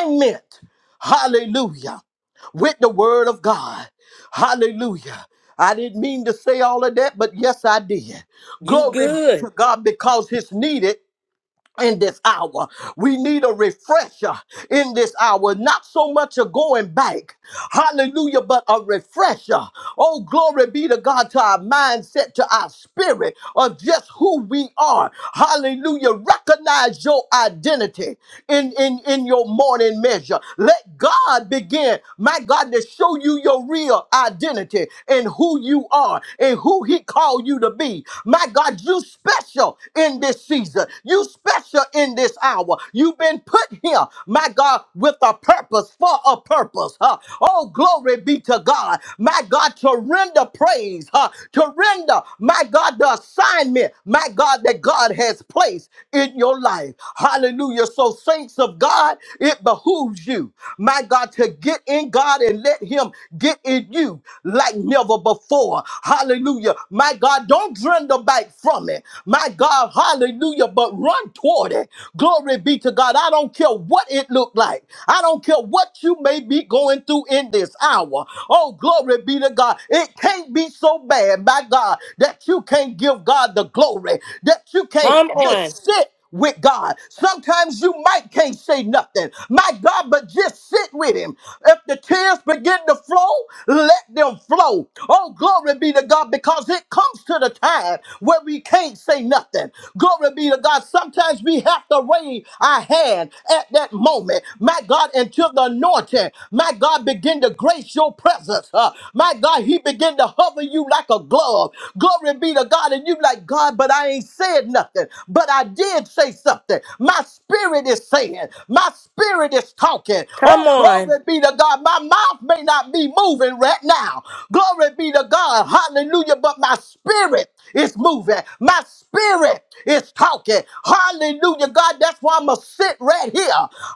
B: alignment. Hallelujah with the word of God. Hallelujah. I didn't mean to say all of that, but yes, I did.
A: You
B: Glory be to
A: good.
B: God because it's needed in this hour. We need a refresher in this hour, not so much a going back, hallelujah, but a refresher. Oh, glory be to God, to our mindset, to our spirit of just who we are. Hallelujah. Recognize your identity in, in, in your morning measure. Let God begin, my God, to show you your real identity and who you are and who he called you to be. My God, you special in this season. You special in this hour. You've been put here, my God, with a purpose, for a purpose. Huh? Oh, glory be to God. My God, to render praise, huh? to render, my God, the assignment, my God, that God has placed in your life. Hallelujah. So, saints of God, it behooves you, my God, to get in in God and let Him get in you like never before. Hallelujah. My God, don't turn the back from it. My God, hallelujah, but run toward it. Glory be to God. I don't care what it looked like. I don't care what you may be going through in this hour. Oh, glory be to God. It can't be so bad, my God, that you can't give God the glory, that you can't
A: Come on.
B: just sit with God. Sometimes you might can't say nothing. My God, but just sit with him. If the tears begin to flow, let them flow. Oh, glory be to God, because it comes to the time where we can't say nothing. Glory be to God. Sometimes we have to raise our hand at that moment. My God, until the anointing, my God, begin to grace your presence. Uh, my God, he begin to hover you like a glove off. Glory be to God. And you like, God, but I ain't said nothing. But I did say something. My spirit is saying, my spirit is talking.
A: Come
B: Oh,
A: on.
B: glory be to God. My mouth may not be moving right now. Glory be to God. Hallelujah. But my spirit is moving. My spirit is talking. Hallelujah. God, that's why I'm going to sit right here.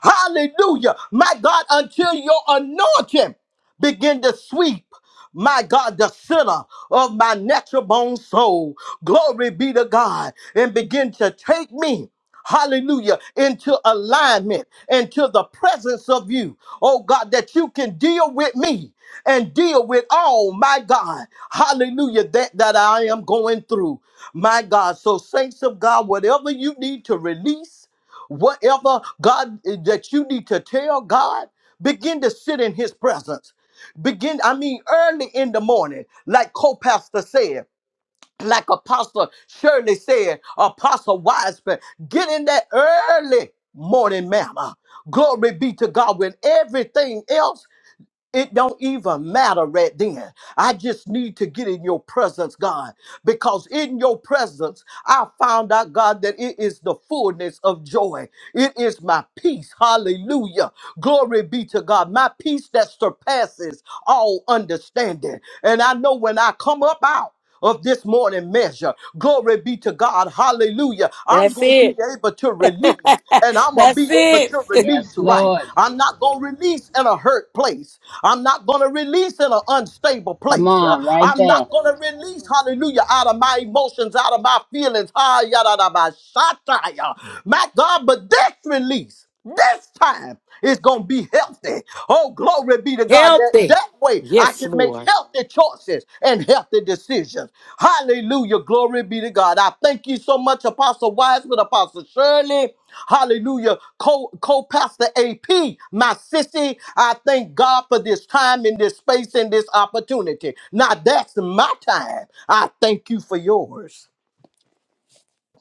B: Hallelujah. My God, until your anointing begin to sweep my God, the center of my natural bone soul. Glory be to God. And begin to take me, hallelujah, into alignment, into the presence of you. Oh God, that you can deal with me and deal with all, my God, hallelujah, that, that I am going through. My God, so saints of God, whatever you need to release, whatever God eh, that you need to tell God, begin to sit in his presence begin, I mean, early in the morning, like co-pastor said, like Apostle Shirley said, Apostle Wiseman, get in that early morning, mama. Glory be to God when everything else it don't even matter right then. I just need to get in your presence, God, because in your presence, I found out, God, that it is the fullness of joy. It is my peace. Hallelujah. Glory be to God. My peace that surpasses all understanding. And I know when I come up out, of this morning measure. Glory be to God. Hallelujah. I'm
A: That's
B: going to be
A: it.
B: able to release and I'm going to
A: That's
B: be able
A: it.
B: to
C: Yes,
B: release right.
C: Lord.
B: I'm not going to release in a hurt place. I'm not going to release in an unstable
C: Come
B: place. Uh,
C: on, right
B: I'm
C: there.
B: not going to release, hallelujah, out of my emotions, out of my feelings. Ah, yada, da, ba, shataya. My God, but this release. This time it's gonna be healthy. Oh, glory be to God. That,
A: Healthy.
B: that way I
A: Yes,
B: can make
A: Lord.
B: healthy choices and healthy decisions. Hallelujah. Glory be to God. I thank you so much, Apostle Wiseman, Apostle Shirley. Hallelujah. Co Co pastor AP, my sissy. I thank God for this time in this space and this opportunity. Now that's my time. I thank you for yours.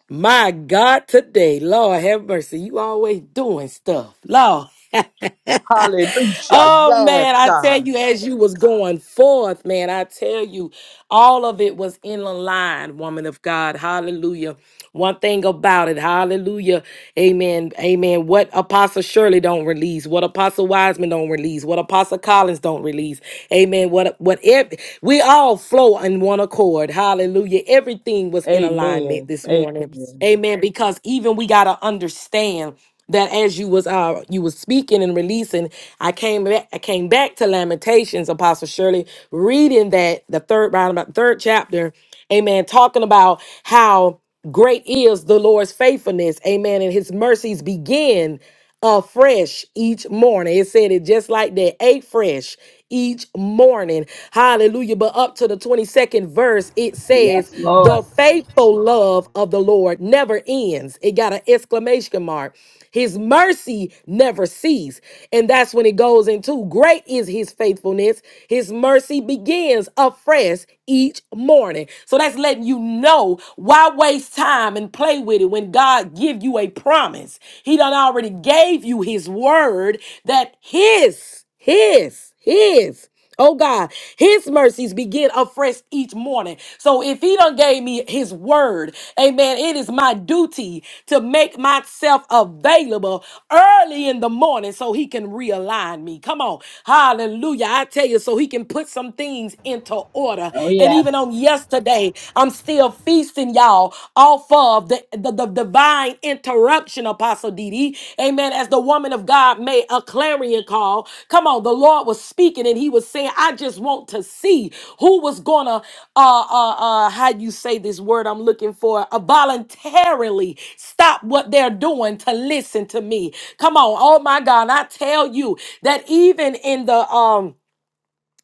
A: My God, today, Lord have mercy. You always doing stuff, Lord.
B: Hallelujah.
A: oh
B: Yes,
A: man, I tell
B: God.
A: you, as you was going forth, man, I tell you, all of it was in the line, woman of God. Hallelujah. One thing about it, hallelujah, amen, amen. What Apostle Shirley don't release, what Apostle Wiseman don't release, what Apostle Collins don't release, amen. What what ev- we all flow in one accord, hallelujah. Everything was in alignment
B: Amen.
A: this morning,
B: Amen.
A: amen. Because even we gotta understand that as you was uh you was speaking and releasing, I came back I came back to Lamentations, Apostle Shirley, reading that the third round about the third chapter, amen, talking about how great is the Lord's faithfulness, amen, and his mercies begin afresh each morning. It said it just like that, a fresh each morning. Hallelujah. But up to the 22nd verse, it says,
C: Yes,
A: The
C: Lord.
A: faithful love of the Lord never ends. It got an exclamation mark. His mercy never cease. And that's when it goes into great is his faithfulness. His mercy begins afresh each morning. So that's letting you know why waste time and and play with it when God give you a promise. He done already gave you his word that his, his, his, oh God, his mercies begin afresh each morning. So if he done gave me his word, amen, it is my duty to make myself available early in the morning so he can realign me. Come on. Hallelujah. I tell you, so he can put some things into order.
C: Oh,
A: And even on
C: yes.
A: on yesterday. I'm still feasting y'all off of the, the, the divine interruption, Apostle Didi. Amen. As the woman of God made a clarion call. Come on, the Lord was speaking and he was saying, I just want to see who was gonna uh uh uh how you say this word I'm looking for, uh, voluntarily stop what they're doing to listen to me. Come on, oh my God, I tell you that even in the um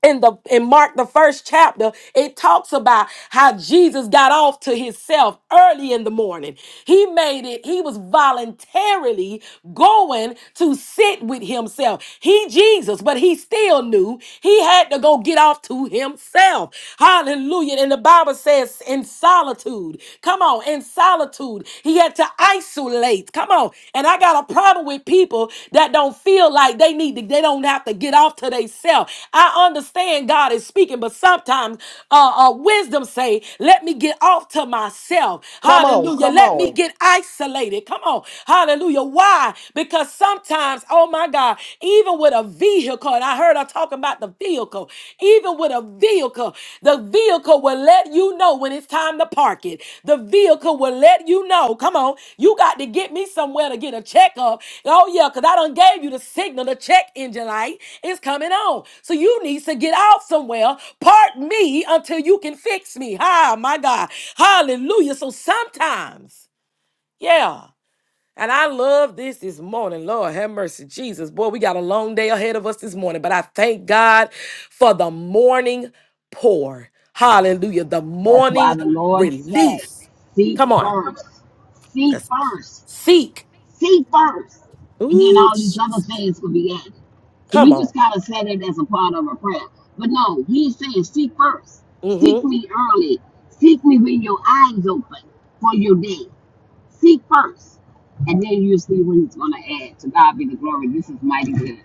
A: in the in Mark the first chapter, it talks about how Jesus got off to himself early in the morning. He made it, he was voluntarily going to sit with himself. He Jesus, but he still knew he had to go get off to himself. Hallelujah. And the Bible says in solitude. Come on, in solitude. He had had to isolate. Come on. And I got a problem with people that don't feel like they need to, they don't have to get off to themselves. I understand God is speaking, but sometimes uh, uh, wisdom say, let me get off to myself.
B: Come on,
A: Hallelujah.
B: come
A: Let me
B: on.
A: get isolated. Come on. Hallelujah. Why? Because sometimes, oh my God, even with a vehicle, and I heard her talking about the vehicle, even with a vehicle, the vehicle will let you know when it's time to park it. The vehicle will let you know, come on, you got to get me somewhere to get a checkup. Oh, yeah, because I done gave you the signal, the check engine light is coming on. So you need to get out somewhere, park me until you can fix me. Ah, my God. Hallelujah. So sometimes, yeah. And I love this this morning. Lord, have mercy, Jesus. Boy, we got a long day ahead of us this morning, but I thank God for the morning pour. Hallelujah. The
C: That's
A: morning
C: why the Lord say,
A: release.
C: seek
A: Come on.
C: first. Seek
A: Let's
C: first.
A: seek.
C: Seek first. And then
A: Ooh,
C: all these other
A: Jesus.
C: things will be added. See,
A: come
C: we just
A: on.
C: got to say that as a part of a prayer. But no, he's saying, seek first.
A: Mm-hmm.
C: Seek me early. Seek me when your eyes open for your day. Seek first. And then you see what he's going to add. To God be the glory. This is mighty good.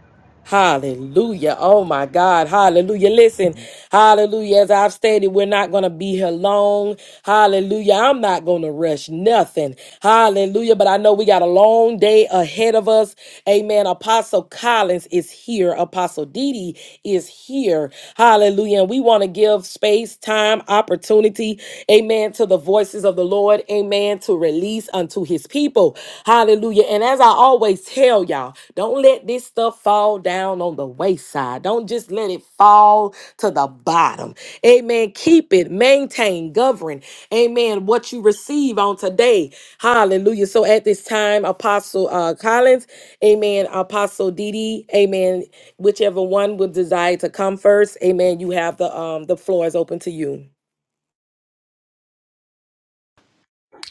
A: Hallelujah. Oh my God. Hallelujah. Listen, hallelujah. As I've stated, we're not going to be here long. Hallelujah. I'm not going to rush nothing. Hallelujah. But I know we got a long day ahead of us. Amen. Apostle Collins is here. Apostle Didi is here. Hallelujah. And we want to give space, time, opportunity. Amen. To the voices of the Lord. Amen. To release unto his people. Hallelujah. And as I always tell y'all, don't don't let this stuff fall down on the wayside. Don't just let it fall to the bottom. Amen. Keep it, maintain, govern. Amen. What you receive on today. Hallelujah. So at this time, Apostle uh, Collins, Amen. Apostle Didi, Amen. Whichever one would desire to come first, Amen. You have the um the floor is open to you.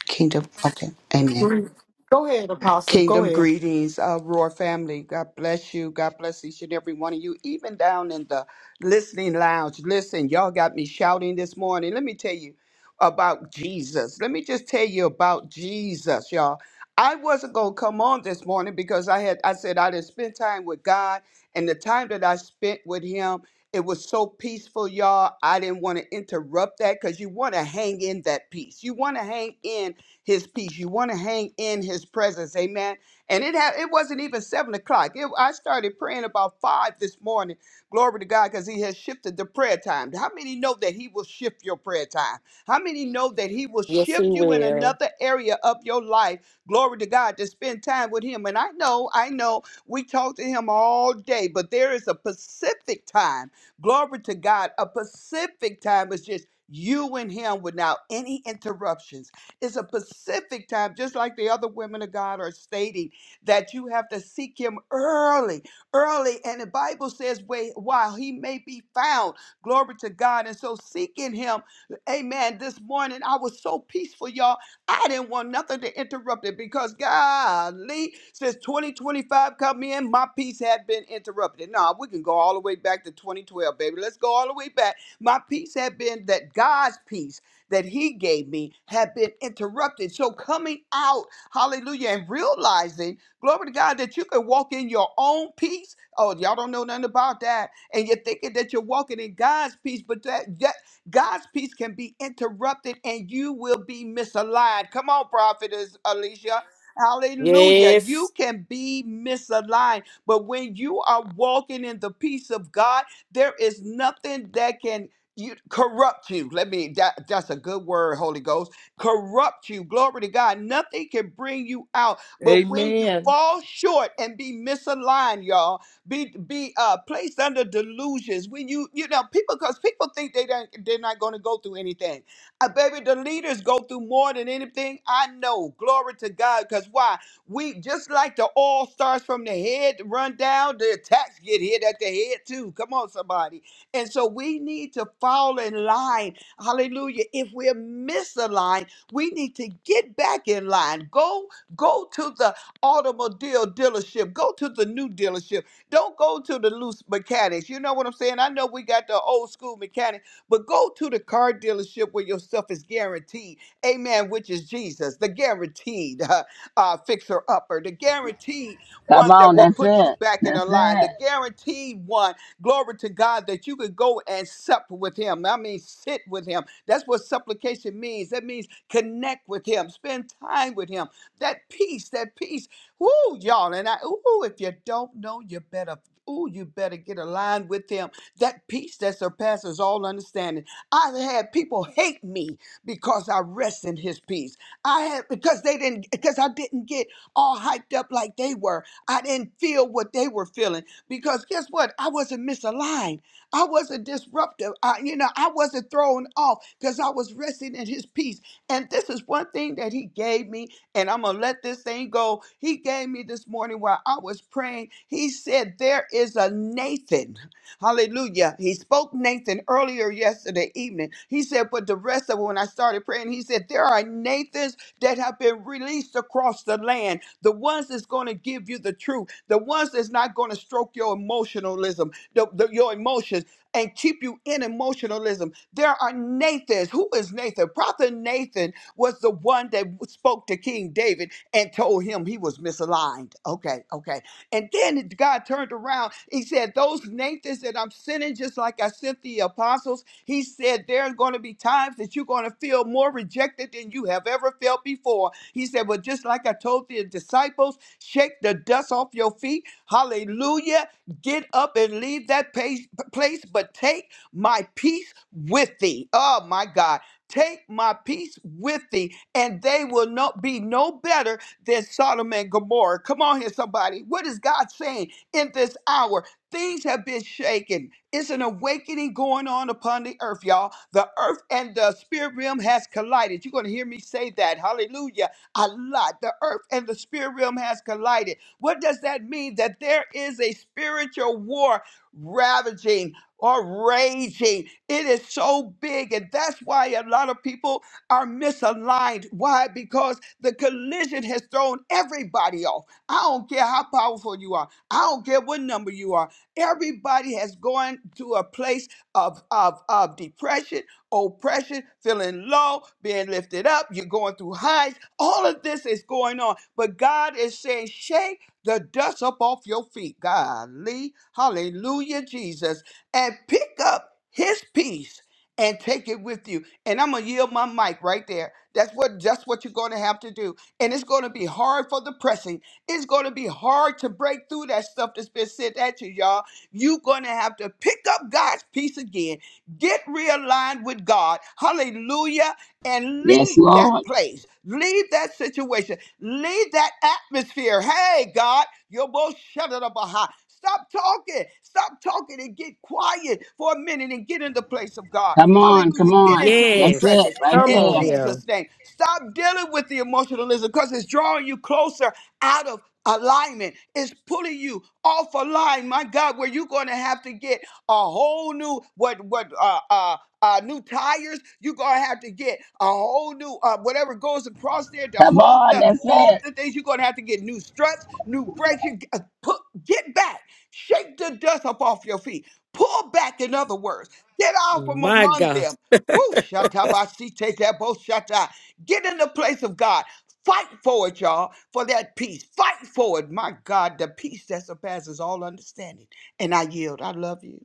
D: Kingdom. Okay. Amen.
E: Go ahead, Apostle. Go
D: Kingdom
E: ahead.
D: greetings, uh, Roar family. God bless you. God bless each and every one of you, even down in the listening lounge. Listen, y'all got me shouting this morning. Let me tell you about Jesus. Let me just tell you about Jesus, y'all. I wasn't gonna come on this morning because I had I said I didn't spend time with God, and the time that I spent with Him, it was so peaceful, y'all. I didn't want to interrupt that because you want to hang in that peace. You want to hang in his peace. You want to hang in his presence. Amen. And it had it wasn't even seven o'clock. It, I started praying about five this morning. Glory to God, because he has shifted the prayer time. How many know that he will shift your prayer time? How many know that he will
A: Yes,
D: shift
A: he
D: you in
A: will.
D: another area of your life? Glory to God to spend time with him. And I know, I know we talk to him all day, but there is a Pacific time glory to God, a Pacific time is just you and him without any interruptions. It's a Pacific time, just like the other women of God are stating, that you have to seek him early, early. And the Bible says, wait, while he may be found, glory to God. And so seeking him, amen. This morning, I was so peaceful, y'all. I didn't want nothing to interrupt it because, golly, since 2025 come in, my peace had been interrupted. Now, we can go all the way back to 2012, baby. Let's go all the way back. My peace had been that God's peace that he gave me have been interrupted. So coming out, hallelujah, and realizing, glory to God, that you can walk in your own peace. Oh, y'all don't know nothing about that. And you're thinking that you're walking in God's peace, but that, that God's peace can be interrupted and you will be misaligned. Come on, prophetess Alicia. Hallelujah. You
A: Yes.
D: can be misaligned, but when you are walking in the peace of God, there is nothing that can you corrupt you. Let me that that's a good word, Holy Ghost. Corrupt you. Glory to God. Nothing can bring you out. But when you
B: Amen.
D: fall short and be misaligned, y'all, be be uh placed under delusions. When you you know people because people think they don't they're not gonna go through anything. Uh, baby, the leaders go through more than anything. I know. Glory to God. Because why? We just like the oil starts from the head, run down, the attacks get hit at the head too. Come on, somebody and so we need to fall in line. Hallelujah. If we're misaligned, we need to get back in line. Go go to the automobile dealership. Go to the new dealership. Don't go to the loose mechanics. You know what I'm saying? I know we got the old school mechanic, but go to the car dealership where your stuff is guaranteed. Amen, which is Jesus, the guaranteed uh, uh, fixer upper, the guaranteed
C: Come
D: one
C: on,
D: that will
C: that's
D: put you
C: it.
D: back in a
C: That's
D: line,
C: it.
D: the guaranteed one Glory to God that you could go and sup with him. I mean, sit with him. That's what supplication means. That means connect with him, spend time with him. That peace, that peace. Woo, y'all. And I, ooh, if you don't know, you better. Ooh, you better get aligned with him. That peace that surpasses all understanding. I've had people hate me because I rest in his peace. I had because they didn't because I didn't get all hyped up like they were. I didn't feel what they were feeling because guess what? I wasn't misaligned. I wasn't disruptive. I, you know, I wasn't thrown off because I was resting in his peace. And this is one thing that he gave me, and I'm going to let this thing go. He gave me this morning while I was praying. He said, There is a Nathan. Hallelujah. He spoke Nathan earlier yesterday evening. He said, But the rest of it, when I started praying, he said, There are Nathans that have been released across the land the ones that's going to give you the truth, the ones that's not going to stroke your emotionalism, the, the- your emotions, and keep you in emotionalism. There are Nathans. Who is Nathan? Prophet Nathan was the one that spoke to King David and told him he was misaligned. Okay, okay. And then God turned around. He said, Those Nathans that I'm sending, just like I sent the apostles, he said, There are going to be times that you're going to feel more rejected than you have ever felt before. He said, But just like I told the disciples, shake the dust off your feet. Hallelujah. Get up and leave that pace, place, but take my peace with thee. Oh, my God. Take my peace with thee, and they will not be no better than Sodom and Gomorrah. Come on here, somebody. What is God saying in this hour? Things have been shaken. It's an awakening going on upon the earth, y'all. The earth and the spirit realm has collided. You're going to hear me say that. Hallelujah. A lot. The earth and the spirit realm has collided. What does that mean? That there is a spiritual war ravaging or raging. It is so big. And that's why a lot of people are misaligned. Why? Because the collision has thrown everybody off. I don't care how powerful you are. I don't care what number you are. Everybody has gone to a place of, of, of depression, oppression, feeling low, being lifted up. You're going through highs. All of this is going on. But God is saying, shake the dust up off your feet. Golly, hallelujah, Jesus. And pick up his peace and take it with you. And I'm going to yield my mic right there. That's what that's what you're going to have to do. And it's going to be hard for the pressing. It's going to be hard to break through that stuff that's been sent at you, y'all. You're going to have to pick up God's peace again. Get realigned with God. Hallelujah. And
C: Yes,
D: leave that
C: Lord.
D: place. Leave that situation. Leave that atmosphere. Hey, God, you're both shut up behind. Stop talking. Stop talking and get quiet for a minute and get in the place of God.
C: Come on,
D: Hallelujah.
C: come
D: Get
C: on.
D: into his
C: That's
A: Yes.
C: it,
D: presence
C: right
A: Come
D: in
A: on
C: there.
A: here.
D: Jesus' name. Stop dealing with the emotionalism because it's drawing you closer out of alignment. It's pulling you off a line, my God, where you're going to have to get a whole new what what uh uh uh, new tires. You're gonna have to get a whole new uh, whatever goes across there to
C: Come
D: hold
C: on,
D: the
C: that's
D: hold
C: it.
D: the things. You're gonna have to get new struts, new brakes. You uh, put get back, shake the dust up off your feet, pull back. In other words, get out from
A: My
D: among
A: God.
D: them. Woo, shatabasite deboshata. Get in the place of God. Fight for it, y'all, for that peace. Fight for it, my God, the peace that surpasses all understanding. And I yield. I love you.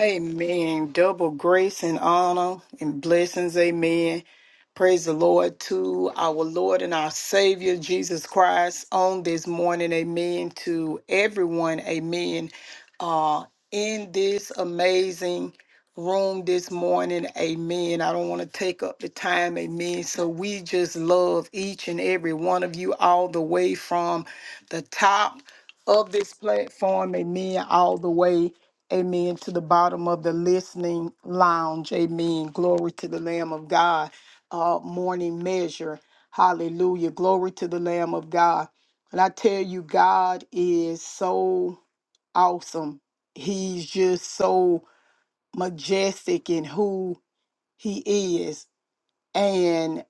E: Amen. Double grace and honor and blessings. Amen. Praise the Lord to our Lord and our Savior Jesus Christ on this morning. Amen. To everyone. Amen. Uh, in this amazing room this morning. Amen. I don't want to take up the time. Amen. So we just love each and every one of you all the way from the top of this platform. Amen. All the way Amen. To the bottom of the listening lounge. Amen. Glory to the Lamb of God. Uh, morning measure. Hallelujah. Glory to the Lamb of God. And I tell you, God is so awesome. He's just so majestic in who He is. And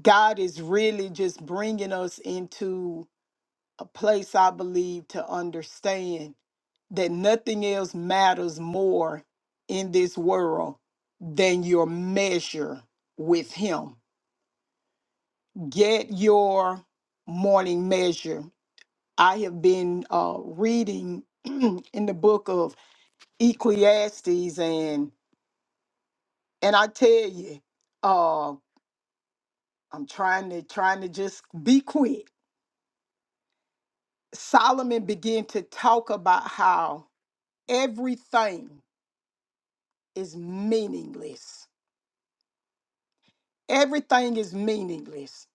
E: God is really just bringing us into a place I believe to understand that nothing else matters more in this world than your measure with Him. Get your morning measure. I have been uh, reading in the book of Ecclesiastes, and and I tell you, uh, I'm trying to trying to just be quick. Solomon began to talk about how everything is meaningless. Everything is meaningless.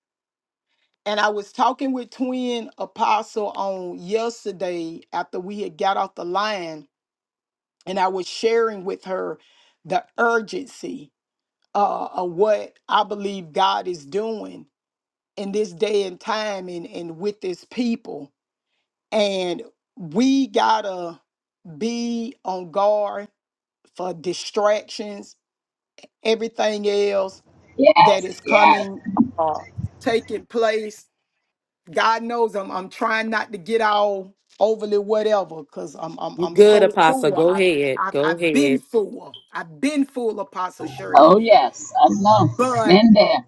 E: And I was talking with Twin Apostle on yesterday after we had got off the line, and I was sharing with her the urgency uh, of what I believe God is doing in this day and time and, and with this people. And we gotta be on guard for distractions, everything else that
C: Yes,
E: is
C: yes.
E: coming, uh, taking place. God knows I'm I'm trying not to get all overly whatever because I'm I'm
A: You
E: I'm
A: good,
E: so
A: Apostle.
E: full.
A: Go
E: I've,
A: ahead.
E: I've
A: Go
E: I've been
A: ahead.
E: full. I've been full, Apostle Shirley.
C: Oh, yes. I know.
E: But
C: Been there.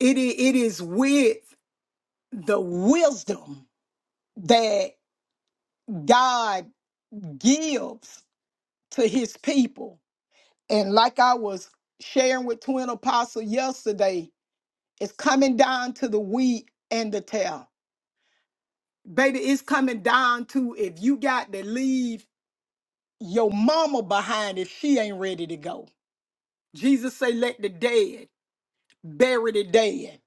E: it i- it is with the wisdom that God gives to His people, and like I was sharing with Twin Apostle yesterday, it's coming down to the wheat and the tare baby, it's coming down to if you got to leave your mama behind if she ain't ready to go. Jesus say, let the dead bury the dead.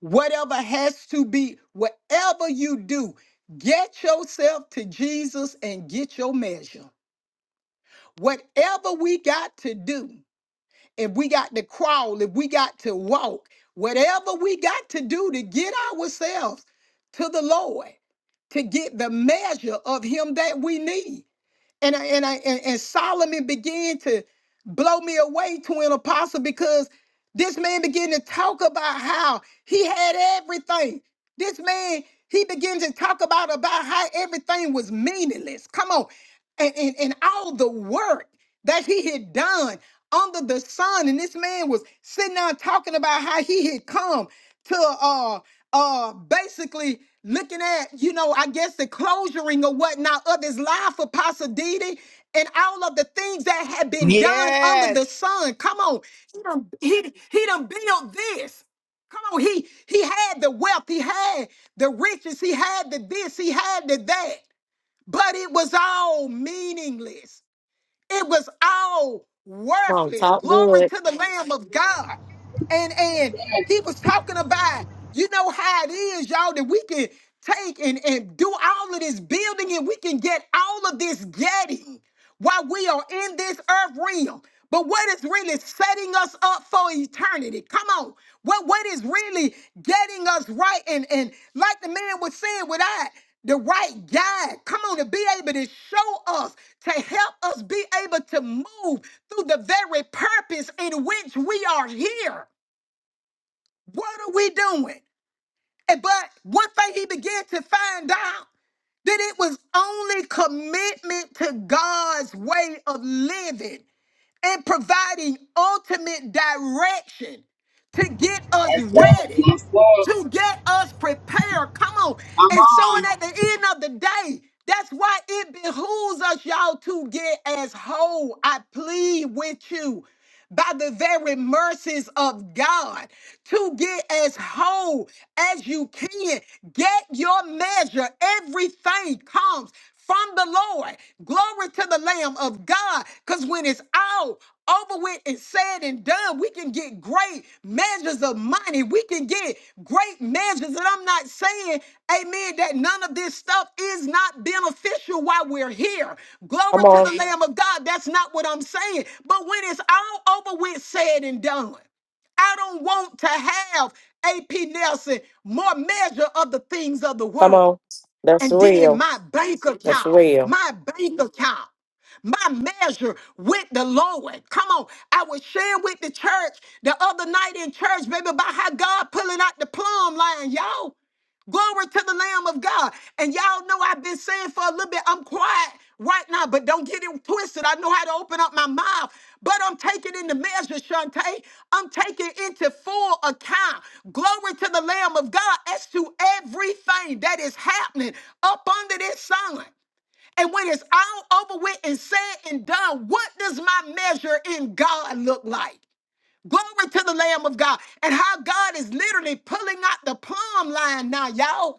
E: Whatever has to be, whatever you do, get yourself to Jesus and get your measure. Whatever we got to do, if we got to crawl, if we got to walk, whatever we got to do to get ourselves to the Lord, to get the measure of Him that we need. And I, and I and, and Solomon began to blow me away to an apostle because this man began to talk about how he had everything. This man he began to talk about about how everything was meaningless. Come on and, and, and all the work that he had done under the sun. And this man was sitting down talking about how he had come to uh uh basically looking at, you know, I guess the closuring or whatnot of his life for Pasadena and all of the things that had been done under the
D: Yes.
E: sun. Come on, he done, he, he done built this. Come on, he he had the wealth, he had the riches, he had the this, he had the that but it was all meaningless. It was all
A: Come on,
E: worthless.
A: talk
E: Glory
A: good.
E: to the Lamb of God and and he was talking about you know how it is y'all that we can take and and do all of this building and we can get all of this getting while we are in this earth realm but what is really setting us up for eternity come on what what is really getting us right and and like the man was saying without the right guide come on to be able to show us to help us be able to move through the very purpose in which we are here what are we doing? And But one thing he began to find out that it was only commitment to God's way of living and providing ultimate direction to get us
C: That's it.
E: ready,
C: That's it.
E: to get us prepared. Come on. And so, and at the end of the day, that's why it behooves us, y'all, to get as whole. I plead with you by the very mercies of God to get as whole as you can. Get your measure. Everything comes from the Lord. Glory to the Lamb of God. Because when it's all over with and said and done. We can get great measures of money. We can get great measures. And I'm not saying, amen, that none of this stuff is not beneficial while we're here.
A: Come
E: Glory to the
A: on,
E: Lamb of God. That's not what I'm saying. But when it's all over with, said and done. I don't want to have AP Nelson more measure of the things of the
A: come
E: world.
A: on. That's
E: And then
A: real.
E: my bank
A: That's
E: account,
A: real.
E: my bank account, my measure with the Lord. Come on. I was sharing with the church the other night in church, baby, about how God pulling out the plumb line, y'all. Glory to the Lamb of God. And y'all know I've been saying for a little bit, I'm quiet right now, but don't get it twisted. I know how to open up my mouth, but I'm taking into measure, Shantae. I'm taking into full account. Glory to the Lamb of God as to everything that is happening up under this sun. And when it's all over with and said and done, what does my measure in God look like? Glory to the Lamb of God and how God is literally pulling out the plumb line now, y'all.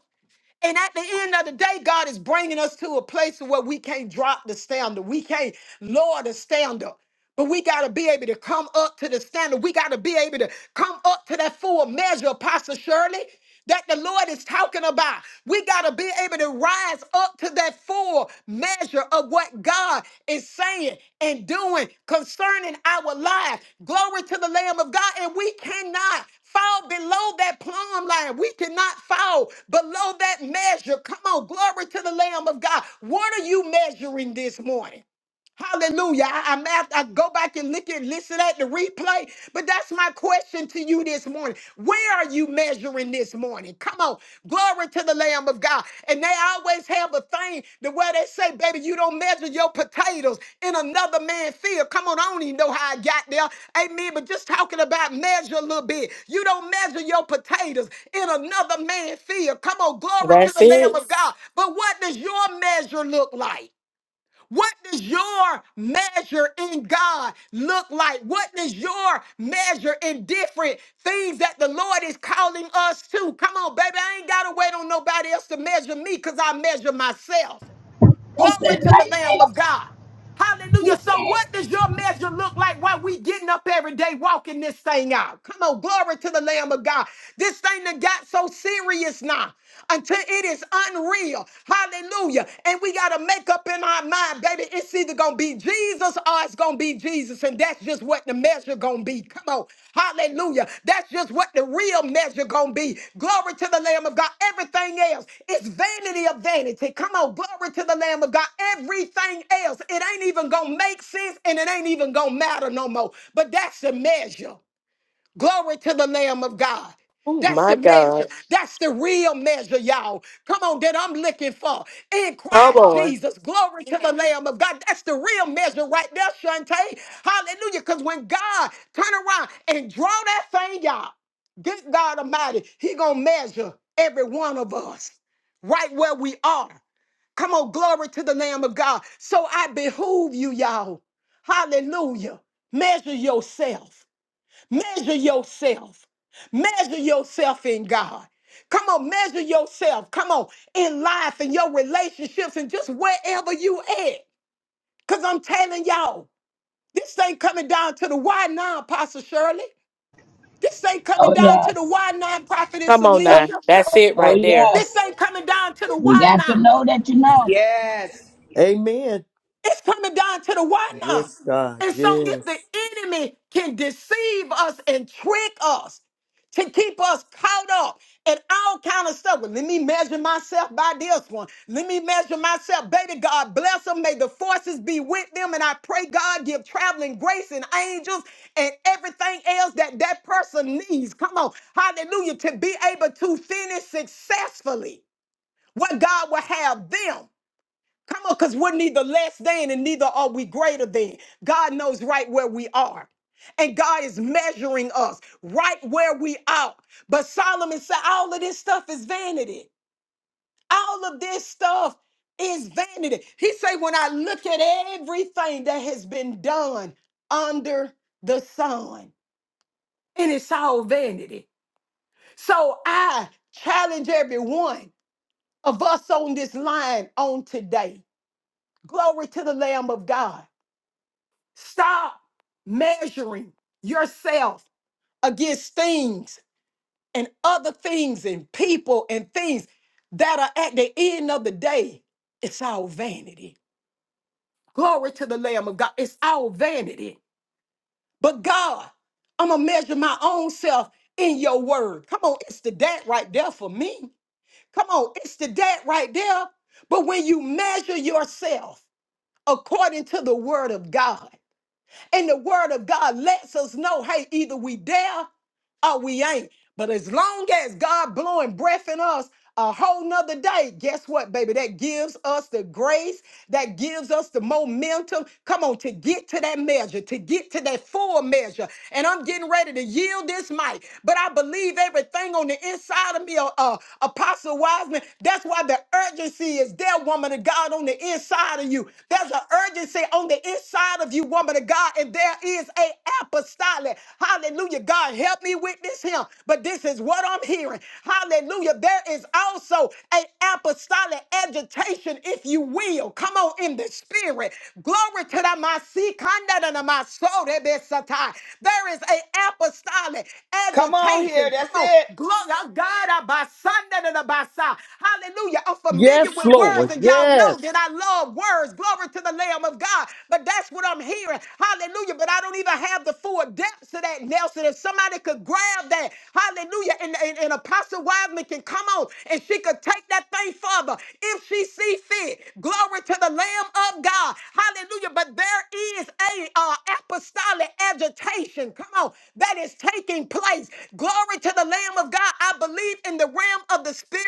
E: And at the end of the day, God is bringing us to a place where we can't drop the standard. We can't lower the standard. But we got to be able to come up to the standard. We got to be able to come up to that full measure, Pastor Shirley, that the Lord is talking about. We got to be able to rise up to that full measure of what God is saying and doing concerning our lives. Glory to the Lamb of God. And we cannot fall below that plumb line. We cannot fall below that measure. Come on, glory to the Lamb of God. What are you measuring this morning? Hallelujah. I, I'm at, I go back and look and listen at the replay. But that's my question to you this morning. Where are you measuring this morning? Come on. Glory to the Lamb of God. And they always have a thing the way they say, baby, you don't measure your potatoes in another man's field. Come on, I don't even know how I got there. Amen. But just talking about measure a little bit. You don't measure your potatoes in another man's field. Come on, glory to
A: That's
E: the Lamb
A: it.
E: of God. But what does your measure look like? What does your measure in God look like? What does your measure in different things that the Lord is calling us to? Come on, baby. I ain't got to wait on nobody else to measure me because I measure myself.
C: That's
E: Glory
C: it.
E: to
C: Right.
E: the Lamb of God. Hallelujah. So, what does your measure look like while we getting up every day walking this thing out? Come on, glory to the Lamb of God. This thing that got so serious now until it is unreal. Hallelujah. And we got to make up in our mind, baby, it's either going to be Jesus or it's going to be Jesus revelation, that's just what the measure gonna be. Come on, hallelujah. That's just what the real measure gonna be. Glory to the Lamb of God. Everything else is vanity of vanity. Come on, glory to the Lamb of God. Everything else, it ain't even gonna make sense and it ain't even gonna matter no more. But that's the measure. Glory to the Lamb of God.
A: Oh
E: That's
A: my
E: the
A: God.
E: measure. That's the real measure, y'all. Come on, that I'm looking for in
A: Come
E: Christ
A: on.
E: Jesus. Glory to the Lamb of God. That's the real measure right there, Shantae. Hallelujah. Because when God turn around and draw that thing out, this God Almighty, He gonna measure every one of us right where we are. Come on, glory to the Lamb of God. So I behoove you, y'all. Hallelujah. Measure yourself. Measure yourself. Measure yourself in God. Come on, measure yourself. Come on, in life and your relationships and just wherever you at. Because I'm telling y'all, this ain't coming down to the why now, apostle Shirley. This ain't coming
C: Oh,
E: down to the
C: yes.
E: why now, Prophetess
A: Come on
C: Oh,
A: now.
E: Alicia.
A: That's it
C: oh,
A: right there.
C: yes.
E: This ain't coming down to the
C: You
E: why
C: got to
E: now.
C: know that you know.
D: Yes.
B: Amen.
E: It's coming down to the why not.
B: Yes, God.
E: And so, if the
B: Yes.
E: enemy can deceive us and trick us to keep us caught up in all kind of stuff, well, let me measure myself by this one. Let me measure myself, baby. God bless them. May the forces be with them, and I pray God give traveling grace and angels and everything else that that person needs. Come on, hallelujah, to be able to finish successfully what God will have them. Come on, because we're neither less than and neither are we greater than. God knows right where we are. And God is measuring us right where we are. But Solomon said, all of this stuff is vanity. All of this stuff is vanity. He said, when I look at everything that has been done under the sun, and it's all vanity. So I challenge every one of us on this line on today. Glory to the Lamb of God Stop measuring yourself against things and other things and people and things that are at the end of the day. It's all vanity. Glory to the Lamb of God. It's all vanity. But God, I'm going to measure my own self in your word. Come on, it's the that right there for me. Come on, it's the that right there. But when you measure yourself according to the word of God, And the word of God lets us know hey, either we there or we ain't. But as long as God blowing breath in us a whole nother day, guess what, baby? That gives us the grace, that gives us the momentum. Come on, to get to that measure, to get to that full measure. And I'm getting ready to yield this mic. But I believe everything on the inside of me, uh, uh, Apostle Wiseman. That's why the urgency is there, woman of God, on the inside of you. There's an urgency on the inside of you, woman of God, and there is a apostolic. Hallelujah. Hallelujah. God, help me witness him. But this is what I'm hearing. Hallelujah. There is also an apostolic agitation, if you will. Come on in the spirit. Glory to the Masi Kanda da na Masore Besatai. There is an apostolic
D: Come on here.
E: agitation. Come
D: That's
E: on.
D: it.
E: Glory. Ah, God, Abasanda da da Basa. hallelujah. I'm
B: Yes,
E: familiar with
B: Lord.
E: words, and y'all
B: Yes.
E: know that I love words. Glory to the Lamb of God. But that's what I'm I'm hearing. Hallelujah. But I don't even have the full depths of that, Nelson. If somebody could grab that, hallelujah, and, and, and Apostle Wiseman can come on and she could take that thing further if she see fit. Glory to the Lamb of God. Hallelujah. But there is a uh, apostolic agitation. Come on. That is taking place. Glory to the Lamb of God. I believe in the realm of the spirit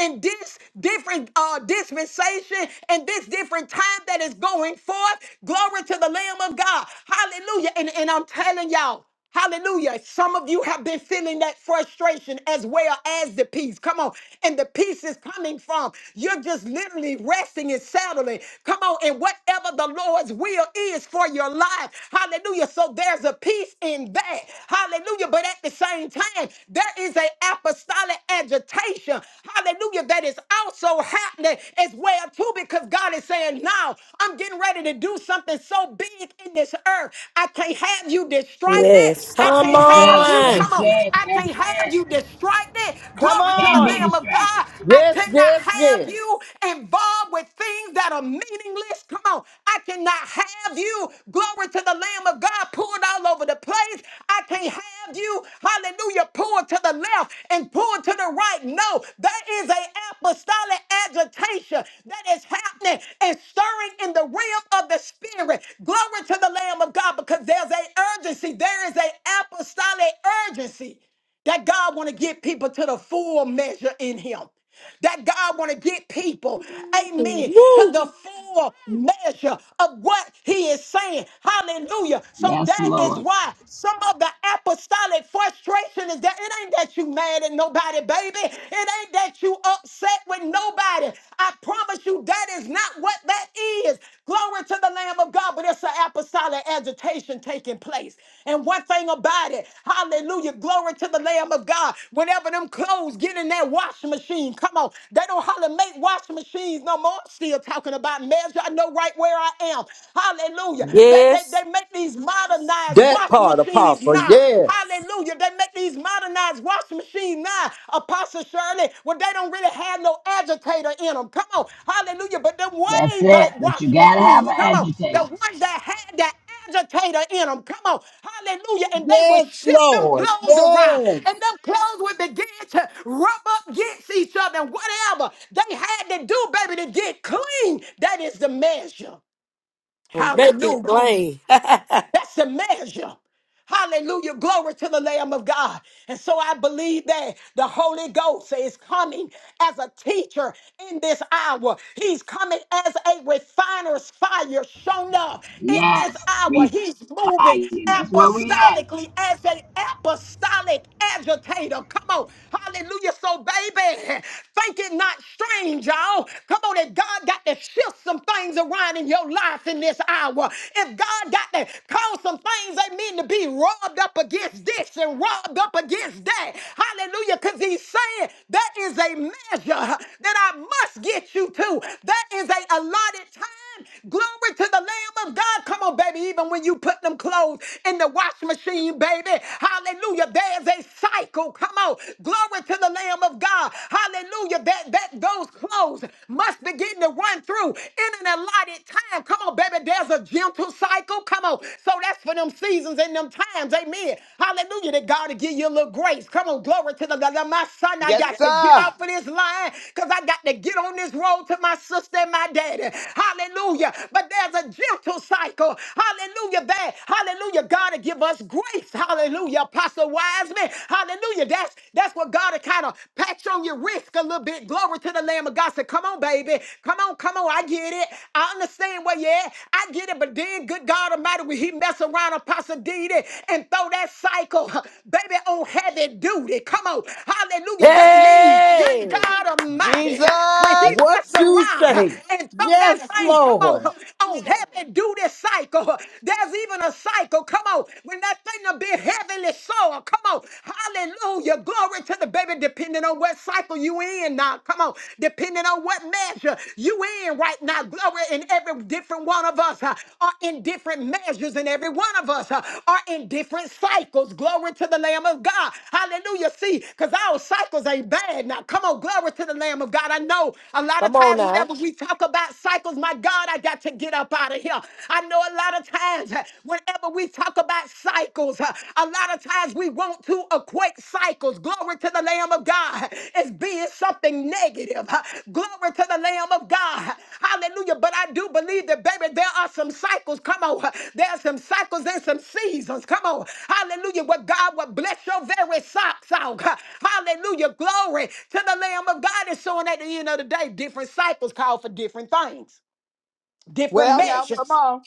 E: in this different uh, dispensation and this different different time that is going forth. Glory to the Lamb of God. Hallelujah. And, and I'm telling y'all, hallelujah. Some of you have been feeling that frustration as well as the peace. Come on. And the peace is coming from you're just literally resting and settling. Come on. And whatever the Lord's will is for your life. Hallelujah. So there's a peace in that. Hallelujah. But at the same time, there is an apostolic agitation. Hallelujah. That is also happening as well too because God is saying, now I'm getting ready to do something so big in this earth. I can't have you distracted.
A: Yes.
E: I
A: Come
E: can't
C: That's
E: have
C: it.
E: you,
A: on.
C: That's
E: come on,
C: it.
E: I
C: That's
E: can't have
C: it.
E: you distracted.
D: Come
E: Glory to the
C: Can
D: on.
C: be
E: Lamb of
C: distracted.
E: God. I
B: Yes,
E: cannot
B: yes,
E: have
B: yes.
E: you involved with things that are meaningless. Come on, I cannot have you, glory to the Lamb of God, pulled all over the place. I can't have you, hallelujah, pulled to the left and being pulled to the right. No, there is an apostolic agitation that is happening and stirring in the realm of the spirit. Glory to the Lamb of God because there's a urgency. There is an apostolic urgency that God want to get people to the full measure in Him that God want to get people, amen, to
A: Woo.
E: the full measure of what he is saying. Hallelujah. So
C: Yes,
E: that is
C: Lord.
E: why some of the apostolic frustration is that it ain't that you mad at nobody, baby. It ain't that you upset with nobody. I promise you that is not what that is. Glory to the Lamb of God, but it's an apostolic apostolic agitation taking place. And one thing about it, hallelujah, glory to the Lamb of God. Whenever them clothes get in that washing machine, come on, they don't hardly make washing machines no more. I'm Still talking about measure, I know right where I am. Hallelujah. They, they,
A: Yes.
E: they make these modernized
B: That
E: washing
B: part,
E: machines
B: Apostle.
E: now.
B: Yes.
E: Hallelujah. They make these modernized washing machines now, Apostle Shirley, well, they don't really have no agitator in them. Come on. Hallelujah. But them
C: That's
E: way
C: it.
E: back
C: But you
E: washing
C: got to have
E: machines,
C: an
E: come on. The
C: agitator.
E: ones that had that agitator in them, come on. Hallelujah. And they would
B: Yes,
E: shift them
B: Lord.
E: clothes around.
B: Yes.
E: And them clothes would begin to rub up against each other and whatever they had to do, baby, to get clean. That is the measure.
A: Make it
E: Hallelujah.
A: plain.
E: That's the measure. Hallelujah. Glory to the Lamb of God. And so I believe that the Holy Ghost is coming as a teacher in this hour. He's coming as a refiner's fire shown up in this
C: Yes.
E: hour.
C: We
E: He's moving
C: fire. That's where we at.
E: apostolically as an apostolic agitator. Come on. Hallelujah. So, baby, think it not strange, y'all. Come on, that God got to shift some things around in your life in this hour power. If God got to cause some things, they mean to be rubbed up against this and rubbed up against that. Hallelujah. Because he's saying that is a measure that I must get you to. That is a allotted time. Glory to the Lamb of God. Come on, baby. Even when you put them clothes in the wash machine, baby. Hallelujah. There's a cycle. Come on. Glory to the Lamb of God. Hallelujah. That that those clothes must beginning to run through in an allotted time. Come on, baby, there's a gentle cycle. Come on. So that's for them seasons and them times. Amen. Hallelujah. That God will give you a little grace. Come on, glory to the God. My son, I
D: Yes,
E: got to get
D: sir.
E: off of this line because I got to get on this road to my sister and my daddy. Hallelujah. But there's a gentle cycle. Hallelujah. That, hallelujah. God will give us grace. Hallelujah. Apostle Wiseman. Hallelujah. That's that's what God will kind of Pat on your wrist a little bit. Glory to the Lamb of God. Say, come on, baby. Come on, come on. I get it. I understand where you at. I get it. But then, good God Almighty, when he mess around on Pasadena and throw that cycle, baby, on heavy duty. Come on. Hallelujah. That means, good
A: hey.
E: God Almighty,
D: Jesus.
E: when he
B: What
E: mess
B: you
E: around
B: say.
E: and throw
B: Yes,
E: that thing, come on,
B: Lord.
E: on heavy duty cycle. There's even a cycle. Come on. When that thing a bit heavenly soul. Come on. Hallelujah. Glory to the baby, depending on what cycle you in now. Come on. Depending on what measure you in right now. Glory in every different one of us uh, are in different measures, and every one of us uh, are in different cycles. Glory to the Lamb of God. Hallelujah. See, because our cycles ain't bad now. Come on. Glory to the Lamb of God. I know a lot of
A: Come on
E: times
A: now.
E: whenever we talk about cycles, my God, I got to get up out of here. I know a lot of times. Whenever we talk about cycles, uh, a lot of times we want to equate cycles. Glory to the Lamb of God as being something negative. Uh, Glory to the Lamb of God. Hallelujah. But I do believe that, baby, there are some cycles. Come on. There are some cycles and some seasons. Come on. Hallelujah. Where God will bless your very socks out. Uh, Hallelujah. Glory to the Lamb of God. And so, and at the end of the day, different cycles call for different things different
D: Well, now, come
E: measures.
D: on.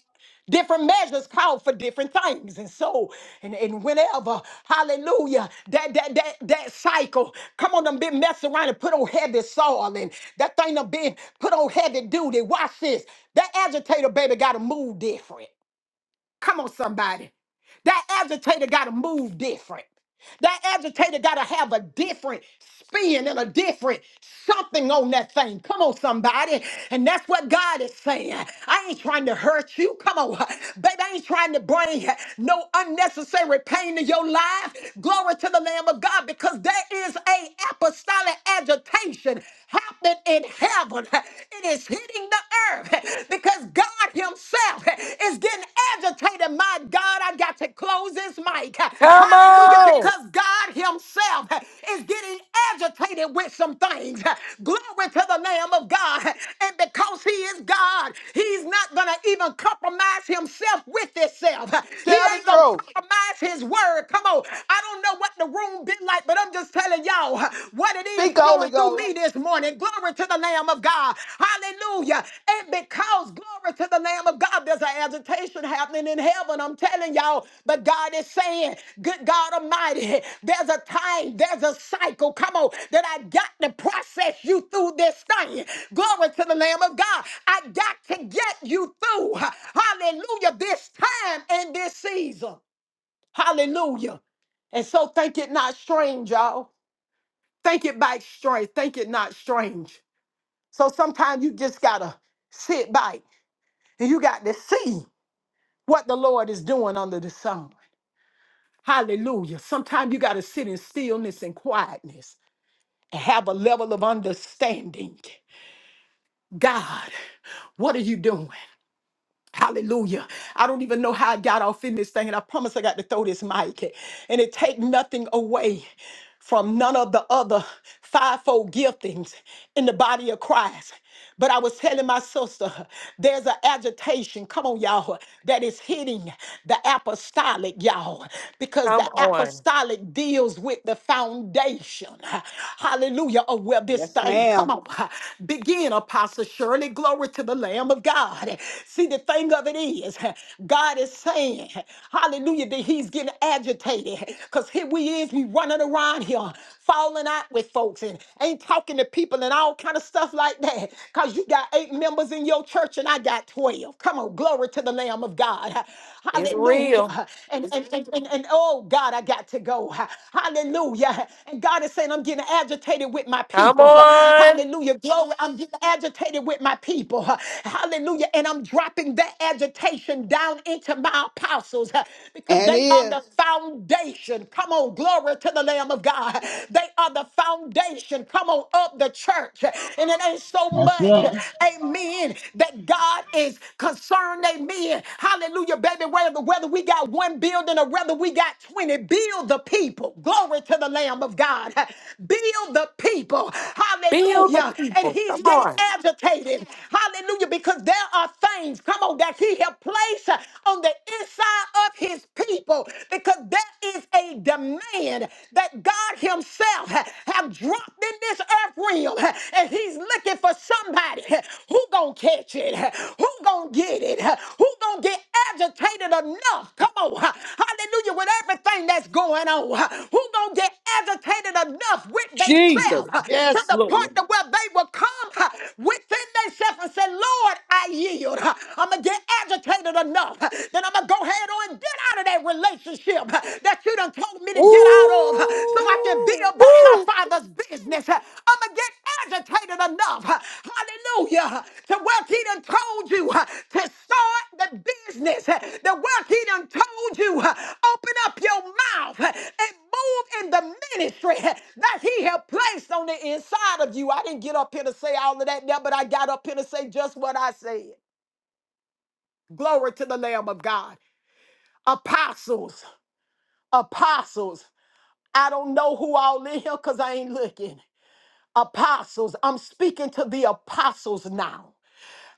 E: Different measures call for different things. And so, and, and whenever, hallelujah, that that that that cycle, come on, done been messing around and put on heavy soil and that thing done been put on heavy duty. Watch this. That agitator baby gotta move different. Come on, somebody. That agitator got to move different. That agitator got to have a different spin and a different something on that thing. Come on, somebody. And that's what God is saying. I ain't trying to hurt you. Come on, baby. I ain't trying to bring no unnecessary pain to your life. Glory to the Lamb of God because there is a apostolic agitation happening in heaven. It is hitting the earth serve because God Himself is getting agitated. My God, I got to close this mic.
A: Come
E: Hallelujah,
A: on.
E: because God Himself is getting agitated with some things. Glory to the Lamb of God. And because He is God, He's not going to even compromise Himself with itself. He
D: Tell the
E: ain't going
D: truth.
E: to compromise His word. Come on. I don't know what the room been like, but I'm just telling y'all what it is
D: Speak, Holy
E: flowing through
D: Ghost.
E: me this morning. Glory to the Lamb of God. Hallelujah. And because, glory to the Lamb of God, there's an agitation happening in heaven. I'm telling y'all, but God is saying, Good God Almighty, there's a time, there's a cycle, come on, that I got to process you through this thing. Glory to the Lamb of God. I got to get you through, hallelujah, this time and this season. Hallelujah. And so think it not strange, y'all. Think it by strange. Think it not strange. So sometimes you just gotta sit back and you got to see what the Lord is doing under the sun. Hallelujah. Sometimes you gotta sit in stillness and quietness and have a level of understanding. God, what are you doing? Hallelujah. I don't even know how I got off in this thing, and I promise I got to throw this mic. And it take nothing away from none of the other fivefold giftings in the body of Christ. But I was telling my sister, there's an agitation, come on, y'all, that is hitting the apostolic, y'all, because
A: Come
E: the
A: on.
E: apostolic deals with the foundation, hallelujah, of where this
D: Yes,
E: thing,
D: ma'am.
E: come on, begin, Apostle Shirley, glory to the Lamb of God. See, the the thing of it is, God is saying, hallelujah, that he's getting agitated because here we is, we running around here, falling out with folks and ain't talking to people and all kind of stuff like that because you got eight members in your church and I got 12. Come on, glory to the Lamb of God.
A: It's real.
E: Hallelujah. And, and, and, and, and oh, God, I got to go. Hallelujah. And God is saying, I'm getting agitated with my
A: Come
E: people.
A: on.
E: Hallelujah. Glory. I'm getting agitated with my people. Hallelujah. And I'm dropping dropping their agitation down into my apostles uh, because
D: And
E: they are the
D: is.
E: foundation. Come on, glory to the Lamb of God. They are the foundation. Come on, of the church. And it ain't so
C: That's
E: much,
C: it.
E: amen, that God is concerned, amen. Hallelujah, baby. Whether, whether we got one building or whether we got 20, build the people. Glory to the Lamb of God. Build the people.
A: Build the
E: Hallelujah. And
A: people. Come
E: he's getting
A: on.
E: agitated. Hallelujah, because there are things chains, come on, that he had placed uh, on the inside of his people because there is a demand that God himself uh, have dropped in this earth realm uh, and he's looking for somebody uh, who gonna catch it, uh, who gonna get it, uh, who gonna get agitated enough, come on, uh, hallelujah, with everything that's going on, uh, who gonna get agitated enough with
B: Jesus.
E: themselves uh, to
B: Yes,
E: the point
B: Lord.
E: to where they will come uh, within themselves and say, Lord, I yield healed. I'm going to get agitated enough. Then I'm going to go ahead on and get out of that relationship that you done told me to get out of so I can be
A: Woo!
E: about my
A: Woo!
E: father's business. I'm going to get agitated enough. Hallelujah. To what he done told you to start the business. The work he done told you. Open up your mouth and move in the ministry that he had placed on the inside of you. I didn't get up here to say all of that now, but I got up here to say just what I said. Glory to the Lamb of God. Apostles, apostles. I don't know who all in here because I ain't looking. Apostles, I'm speaking to the apostles now.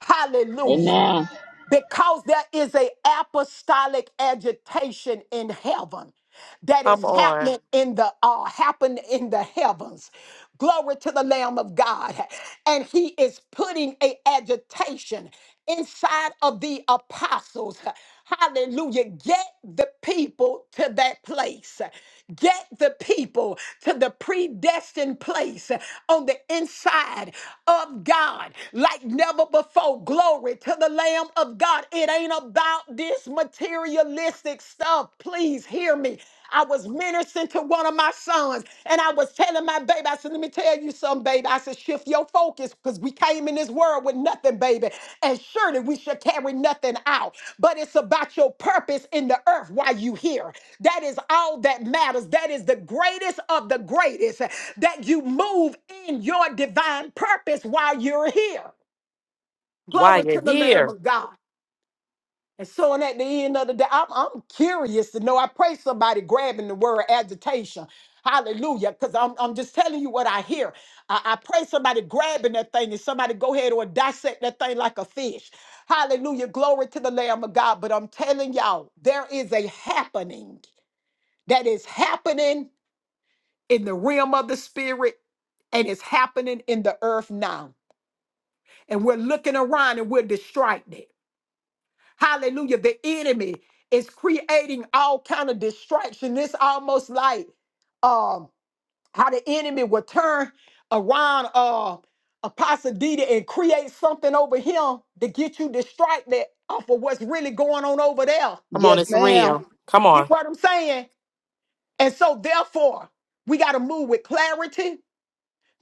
E: Hallelujah.
C: Amen.
E: Because there is a apostolic agitation in heaven that is
A: Come
E: Mhm.
A: on.
E: happening in the uh happened in the heavens glory to the lamb of god and he is putting a agitation inside of the apostles Hallelujah. Get the people to that place. Get the people to the predestined place on the inside of God like never before. Glory to the Lamb of God. It ain't about this materialistic stuff. Please hear me. I was ministering to one of my sons, and I was telling my baby, I said, Let me tell you something, baby. I said, Shift your focus because we came in this world with nothing, baby. And surely we should carry nothing out. But it's about your purpose in the earth while you here. That is all that matters. That is the greatest of the greatest that you move in your divine purpose while you're here.
A: Why
E: Glory
A: you
E: to the Lamb
A: here?
E: of God. And so, and at the end of the day, I'm, I'm curious to know. I pray somebody grabbing the word agitation. Hallelujah. Because I'm, I'm just telling you what I hear. I, I pray somebody grabbing that thing and somebody go ahead or dissect that thing like a fish. Hallelujah. Glory to the Lamb of God. But I'm telling y'all, there is a happening that is happening in the realm of the spirit and it's happening in the earth now. And we're looking around and we're distracted. Hallelujah. The enemy is creating all kind of distraction. This almost like um how the enemy will turn around uh Apostle Dita and create something over him to get you distracted off of what's really going on over there.
A: Come on,
D: Yes,
A: it's
D: ma'am.
A: real. Come
E: You know
A: on.
E: what I'm saying? And so therefore, we got to move with clarity,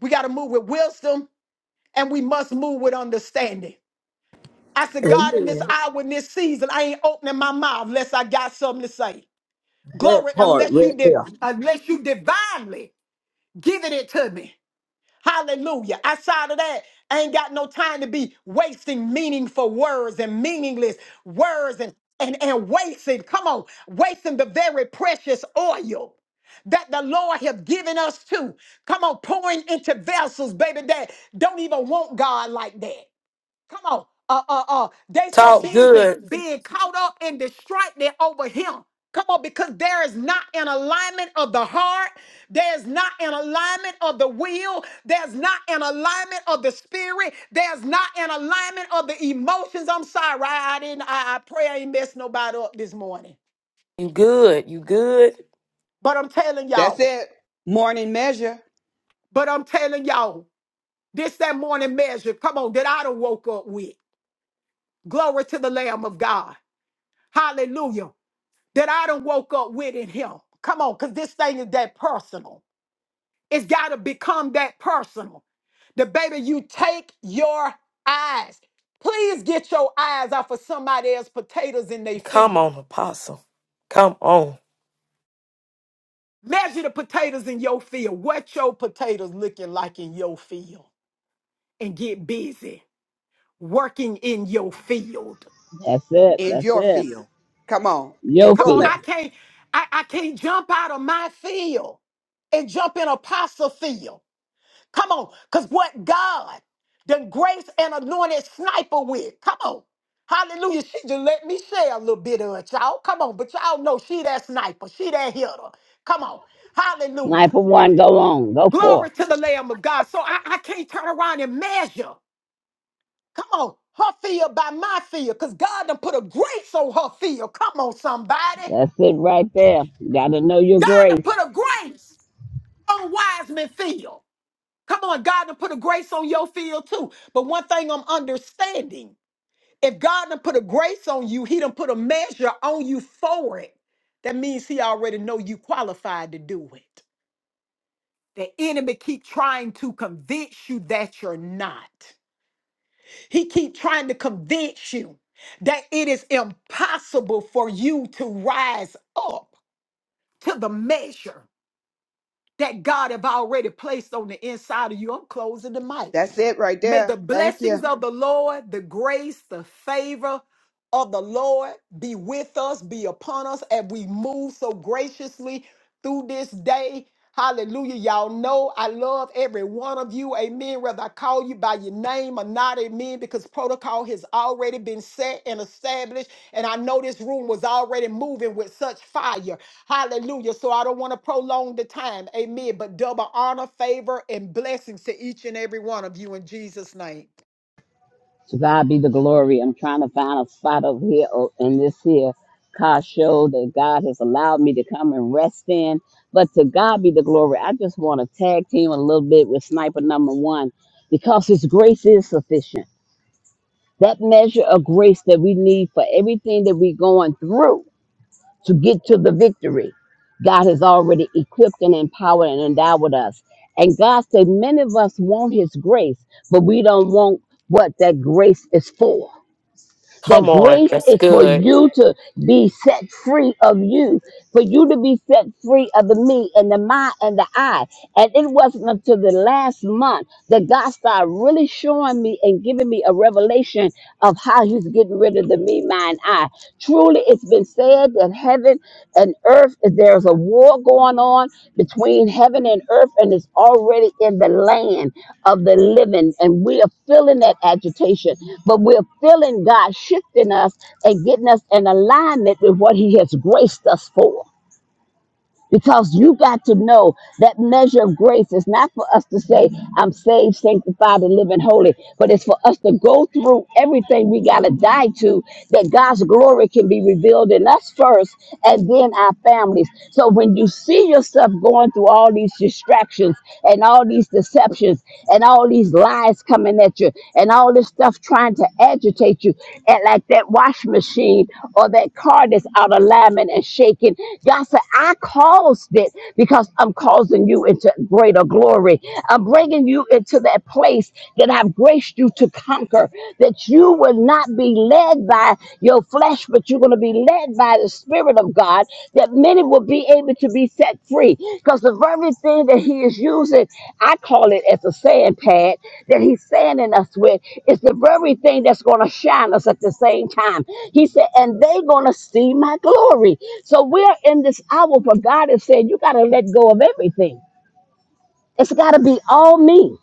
E: we got to move with wisdom, and we must move with understanding. I said, God, in this
B: Amen.
E: hour, in this season, I ain't opening my mouth unless I got something to say.
B: That
E: Glory,
B: part
E: unless
B: right
E: you did,
B: there.
E: unless you divinely giving it to me. Hallelujah. Outside of that, I ain't got no time to be wasting meaningful words and meaningless words and and, and wasting, come on, wasting the very precious oil that the Lord have given us to. Come on, pouring into vessels, baby, that don't even want God like that. Come on. Uh uh uh. They so
A: Talk
E: busy
A: good.
E: being caught up and distracted over him. Come on, because there is not an alignment of the heart. There's not an alignment of the will. There's not an alignment of the spirit. There's not an alignment of the emotions. I'm sorry, I, I didn't. I, I pray I ain't messed nobody up this morning.
A: You good. You good.
E: But I'm telling
D: That's
E: y'all.
D: it. Morning measure.
E: But I'm telling y'all. This that morning measure. Come on, that I done woke up with. Glory to the Lamb of God. Hallelujah. that I done woke up with in him. Come on, because this thing is that personal. It's got to become that personal. The baby, you take your eyes. Please get your eyes off of somebody else's potatoes in their
A: Come
E: field.
A: on, apostle. Come on.
E: Measure the potatoes in your field. What your potatoes looking like in your field? And get busy working in your field.
C: That's it.
D: in
C: That's
D: your
C: it.
D: field. Come on, in
C: Your
E: Come
D: your
E: on,
C: fear.
E: I
D: lane.
E: can't, I, I can't jump out of my field and jump in apostle field. Come on, because what God done grace and anointed sniper with. Come on. Hallelujah. She just let me share a little bit of it, y'all. Come on, but y'all know she that sniper. She that hitter. Come on. Hallelujah.
C: Sniper one, go on. Go forth.
E: Glory to the Lamb of God. So I, I can't turn around and measure. Come on. Her fear by my fear. Because God done put a grace on her fear. Come on, somebody.
C: That's it right there. You got to know your
E: God done
C: grace.
E: put a grace on Wiseman fear. Come on, God done put a grace on your field too. But one thing I'm understanding, if God done put a grace on you, he done put a measure on you for it. That means he already know you qualified to do it. The enemy keep trying to convince you that you're not. He keep trying to convince you that it is impossible for you to rise up to the measure. that God have already placed on the inside of you. I'm closing the mic.
D: That's it right
E: May the
D: there. Thank you.
E: blessings of the Lord, the grace, the favor of the Lord be with us, be upon us as we move so graciously through this day. Hallelujah. Y'all know I love every one of you. Amen. Whether I call you by your name or not, amen, because protocol has already been set and established. And I know this room was already moving with such fire. Hallelujah. So I don't want to prolong the time. Amen. But double honor, favor, and blessings to each and every one of you in Jesus' name.
C: To God be the glory. I'm trying to find a spot over here oh, in this here car show that God has allowed me to come and rest in. But to God be the glory. I just want to tag team a little bit with sniper number one because his grace is sufficient. That measure of grace that we need for everything that we're going through to get to the victory. God has already equipped and empowered and endowed us. And God said, many of us want His grace, but we don't want what that grace is for.
A: Come
C: That
A: on.
C: grace
A: That's
C: is for
A: good.
C: you to be set free of you, for you to be set free of the me and the my and the I. And it wasn't until the last month that God started really showing me and giving me a revelation of how He's getting rid of the me, mine, I. Truly, it's been said that heaven and earth, there's a war going on between heaven and earth, and it's already in the land of the living. And we are feeling that agitation, but we're feeling God shifting us and getting us in alignment with what He has graced us for. Because you got to know that measure of grace is not for us to say, I'm saved, sanctified, and living holy, but it's for us to go through everything we got to die to that God's glory can be revealed in us first and then our families. So when you see yourself going through all these distractions and all these deceptions and all these lies, lies coming at you and all this stuff trying to agitate you and like that wash machine or that car that's out of alignment and shaking god said i caused it because i'm causing you into greater glory i'm bringing you into that place that i've graced you to conquer that you will not be led by your flesh but you going to be led by the Spirit of God, that many will be able to be set free. Because the very thing that He is using, I call it as a sand pad, that He's sanding us with, is the very thing that's going to shine us at the same time. He said, and they're going to see my glory. So we're in this hour where God is saying, you got to let go of everything. It's got to be all me.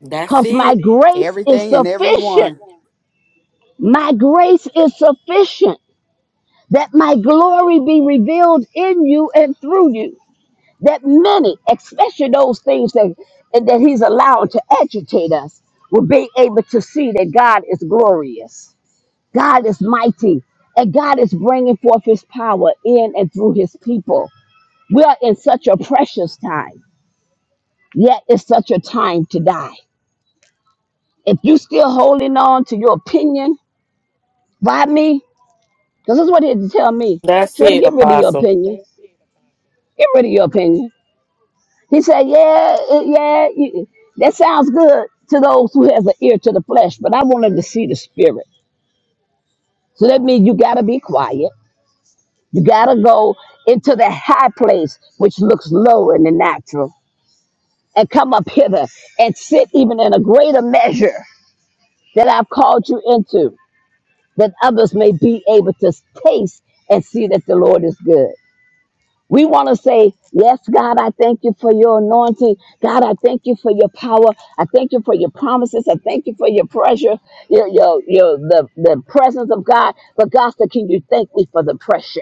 A: That's
C: Because my
A: it.
C: grace is
D: Everything and
C: sufficient.
D: everyone.
C: My grace is sufficient. that my glory be revealed in you and through you. That many, especially those things that, and that He's allowed to agitate us, will be able to see that God is glorious, God is mighty, and God is bringing forth His power in and through His people. We are in such a precious time, yet it's such a time to die. If you still holding on to your opinion, why me? Because this is what he had to tell me.
A: That's
C: Sure to
A: it,
C: get rid of your
A: apostle.
C: opinion. Get rid of your opinion. He said, "Yeah, it- yeah, you- that sounds good to those who has an ear to the flesh, but I wanted to see the spirit. So that means you gotta be quiet. You gotta go into the high place, which looks low in the natural, and come up hither and sit even in a greater measure that I've called you into, that others may be able to taste and see that the Lord is good." We want to say, Yes, God, I thank you for your anointing. God, I thank you for your power. I thank you for your promises. I thank you for your pressure, your, your, your, the, the presence of God. But, God, so can you thank me for the pressure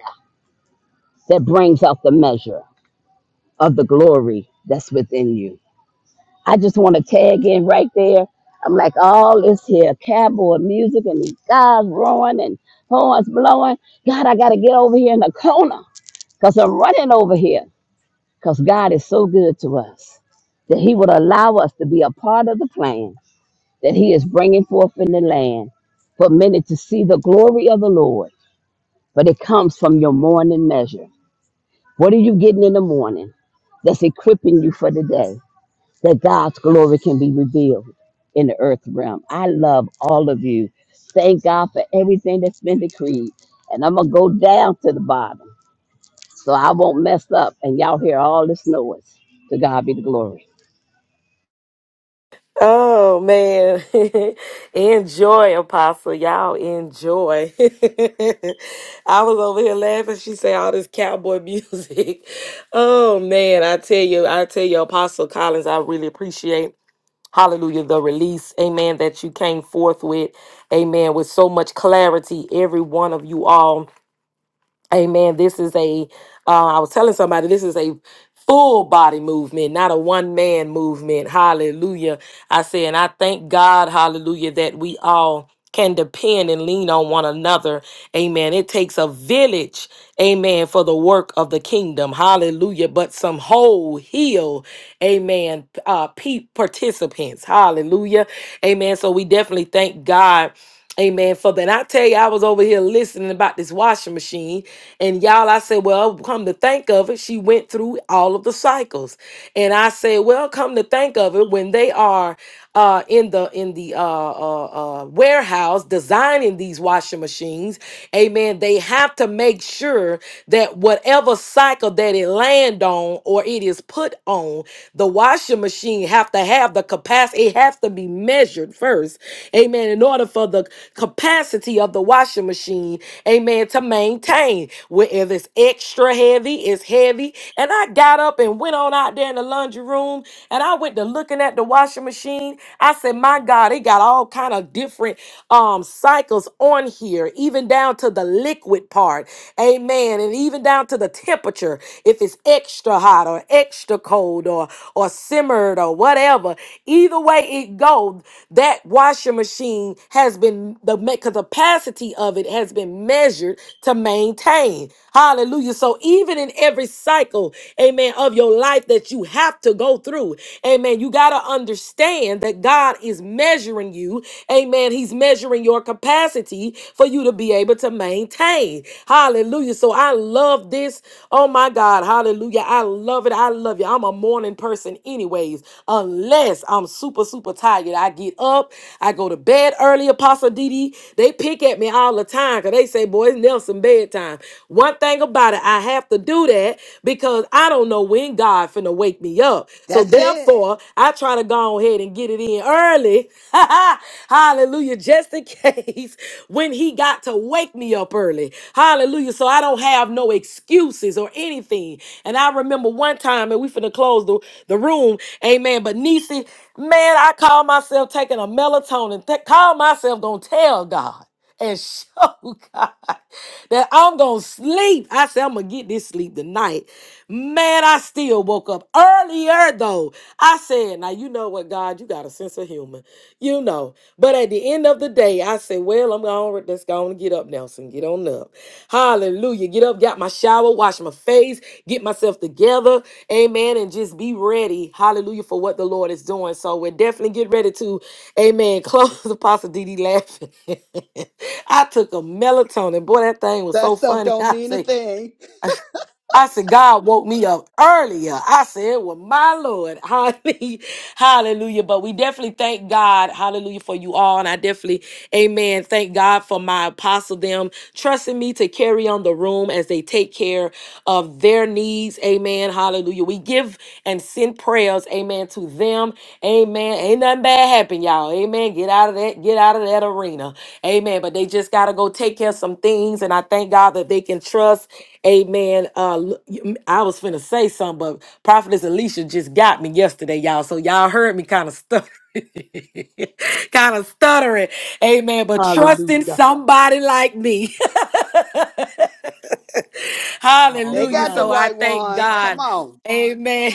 C: that brings out the measure of the glory that's within you? I just want to tag in right there. I'm like, all this here cowboy music and these guys roaring and horns blowing. God, I got to get over here in the corner because I'm running over here. because God is so good to us that He would allow us to be a part of the plan that He is bringing forth in the land for many to see the glory of the Lord. But it comes from your morning measure. What are you getting in the morning that's equipping you for the day that God's glory can be revealed in the earth realm? I love all of you. Thank God for everything that's been decreed. And I'm going to go down to the bottom so I won't mess up and y'all hear all this noise. To God be the glory.
A: Oh man. enjoy, Apostle. Y'all enjoy. I was over here laughing. She say all this cowboy music. Oh man, I tell you, I tell you, Apostle Collins, I really appreciate hallelujah the release. Amen. That you came forth with. Amen. With so much clarity, every one of you all. Amen. This is a, uh, I was telling somebody, this is a full body movement, not a one man movement. Hallelujah. I say, and I thank God, hallelujah, that we all can depend and lean on one another. Amen. It takes a village, amen, for the work of the kingdom. Hallelujah. But some whole, heal, amen, uh, pe- participants. Hallelujah. Amen. So we definitely thank God. Amen. For that, And I tell you, I was over here listening about this washing machine, and y'all, I said, well, come to think of it, she went through all of the cycles, and I said, well, come to think of it, when they are uh, in the in the uh, uh, uh, warehouse designing these washing machines, Amen. They have to make sure that whatever cycle that it land on or it is put on, the washing machine have to have the capacity. It has to be measured first hours, amen, in order for the capacity of the washing machine, amen, to maintain. Whether it's extra heavy, it's heavy. And I got up and went on out there in the laundry room and I went to looking at the washing machine. I said, my God, it got all kind of different um cycles on here, even down to the liquid part. Amen. And even down to the temperature, if it's extra hot or extra cold or or simmered or whatever. Either either way it goes, that washing machine has been the me- capacity of it has been measured to maintain. Hallelujah. So even in every cycle, amen, of your life that you have to go through, amen, you got to understand that God is measuring you. Amen. He's measuring your capacity for you to be able to maintain. Hallelujah. So I love this. Oh my God. Hallelujah. I love it. I love you. I'm a morning person anyway anyways, unless I'm super, super tired. I get up, I go to bed early, Apostle Didi, They pick at me all the time because they say, boy, it's Nelson bedtime. One thing about it, I have to do that because I don't know when God finna wake me up. So
D: That's it.
A: therefore, I try to go ahead and get it in early. Hallelujah. Just in case when he got to wake me up early. Hallelujah. So I don't have no excuses or anything. And I remember one time time and we finna close the, the room. Amen. But Nisi, man, I call myself taking a melatonin. Th- call myself gonna tell God and show God that I'm gonna sleep. I said I'm gonna get this sleep tonight. Man, I still woke up earlier though. I said, now you know what, God, you got a sense of humor, you know. But at the end of the day, I said, well, I'm going. Let's go on and get up, Nelson. Get on up. Hallelujah. Get up, got my shower, wash my face, get myself together. Amen. And just be ready. Hallelujah for what the Lord is doing. So we're definitely get ready to, amen. Close Apostle DD laughing. I took a melatonin. Boy, that thing was
D: That
A: so
D: stuff
A: funny.
D: don't
A: I
D: mean a
A: say
D: thing.
A: I said, God woke me up earlier. I said, well, my Lord, hallelujah, hallelujah. But we definitely thank God, hallelujah, for you all. And I definitely, amen, thank God for my apostle, them trusting me to carry on the room as they take care of their needs. Amen, hallelujah. We give and send prayers, amen, to them. Amen. Ain't nothing bad happen, y'all. Amen. Get out of that, get out of that arena. Amen. But they just got to go take care of some things. And I thank God that they can trust. Amen. Uh, l- y- I was finna say something, but Prophetess Alicia just got me yesterday, y'all. So y'all heard me kind of stutter, kind of stuttering. Amen. But trusting
B: Hallelujah.
A: somebody like me.
B: All
D: They
A: Hallelujah.
D: got the
A: So
B: right.
A: I
D: right
A: thank
D: ones. Come
A: God.
D: on.
A: Amen.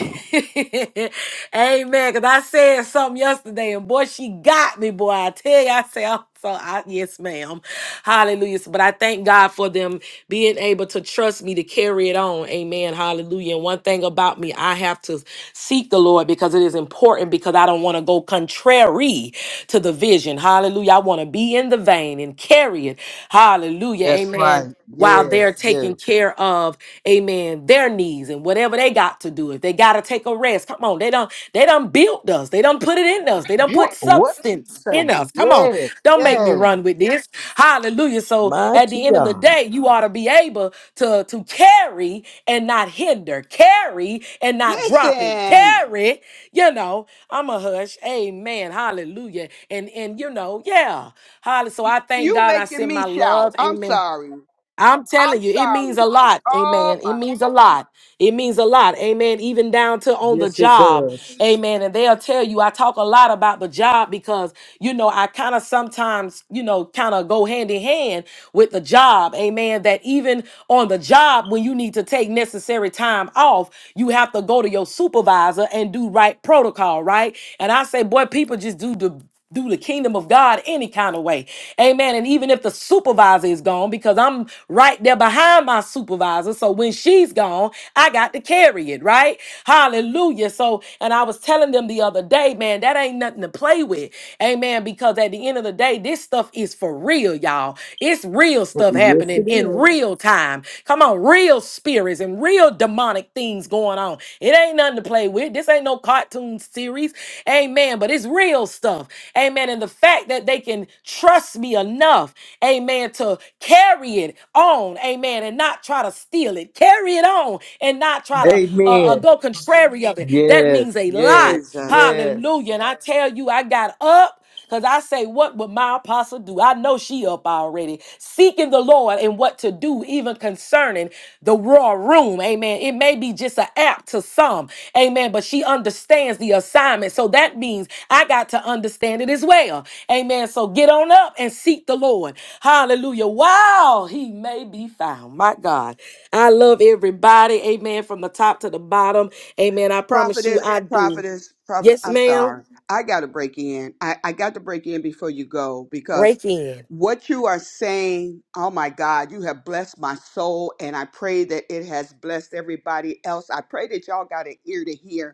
A: Amen. Cause I said something yesterday and boy, she got me, boy. I tell you, I say, I'm so I, yes, ma'am. Hallelujah. So- But I thank God for them being able to trust me to carry it on. Amen. Hallelujah. And one thing about me, I have to seek the Lord because it is important because I don't want to go contrary to the vision. Hallelujah. I want to be in the vein and carry it. Hallelujah.
B: That's
A: Amen
B: right.
A: while they're
B: Yes, yes.
A: taking care of amen their needs and whatever they got to do if they got to take a rest come on they don't they don't build us they don't put it in us they don't put
B: What, what you
A: substance in
B: say?
A: us come on
B: Yes,
A: don't make me
B: yes.
A: run with this hallelujah so at
B: Mighty
A: the end of the
B: God.
A: day you ought to be able to to carry and not hinder carry and not drop it
D: Listen.
A: carry you know i'm a hush amen hallelujah and and you know yeah hallelujah so
D: Y-
A: i thank
D: You
A: god i
D: making
A: send
D: me
A: my
D: shout.
A: love
D: I'm
A: amen
D: sorry.
A: I'm
D: I'm
A: telling you, it means a
D: sorry.
A: lot.
D: Oh
A: Amen. It
D: my
A: means a lot. It means a lot. Amen. Even down to on the
B: Yes, it
A: job.
B: does.
A: Amen. And they'll tell you, I talk a lot about the job because, you know, I kind of sometimes, you know, kind of go hand in hand with the job. Amen. That even on the job, when you need to take necessary time off, you have to go to your supervisor and do right protocol, right? And I say, boy, people just do the do the kingdom of God any kind of way. Amen. And even if the supervisor is gone, because I'm right there behind my supervisor. So when she's gone, I got to carry it, right? Hallelujah. So, and I was telling them the other day, man, that ain't nothing to play with. Amen. Because at the end of the day, this stuff is for real, y'all. It's real stuff
B: Yes,
A: happening
B: it
A: in
B: is.
A: real time. Come on, real spirits and real demonic things going on. It ain't nothing to play with play with. This ain't no cartoon series. Amen. But it's real stuff. Amen. And the fact that they can trust me enough, amen, to carry it on, amen, and not try to steal it. Carry it on and not try to uh, uh,
B: Amen.
A: go contrary of it. That
B: Yes,
A: means a
B: yes,
A: lot.
D: Jesus.
B: yes.
A: Hallelujah. And I tell you, I got up. Because I say, what would my apostle do? I know she up already, seeking the Lord and what to do, even concerning the raw room. Amen. It may be just an app to some, Amen. But she understands the assignment. So that means I got to understand it as well. Amen. So get on up and seek the Lord. Hallelujah. Wow. He may be found. My God. I love everybody. Amen. From the top to the bottom. Amen. I promise you
D: Prophetess,
A: I do.
D: prophetess, prophet.
A: Yes,
D: I'm
A: ma'am.
D: sorry. I gotta break in. I, I got to break in before you go because
A: Break in.
D: What you are saying, oh my God, you have blessed my soul, and I pray that it has blessed everybody else. I pray that y'all got an ear to hear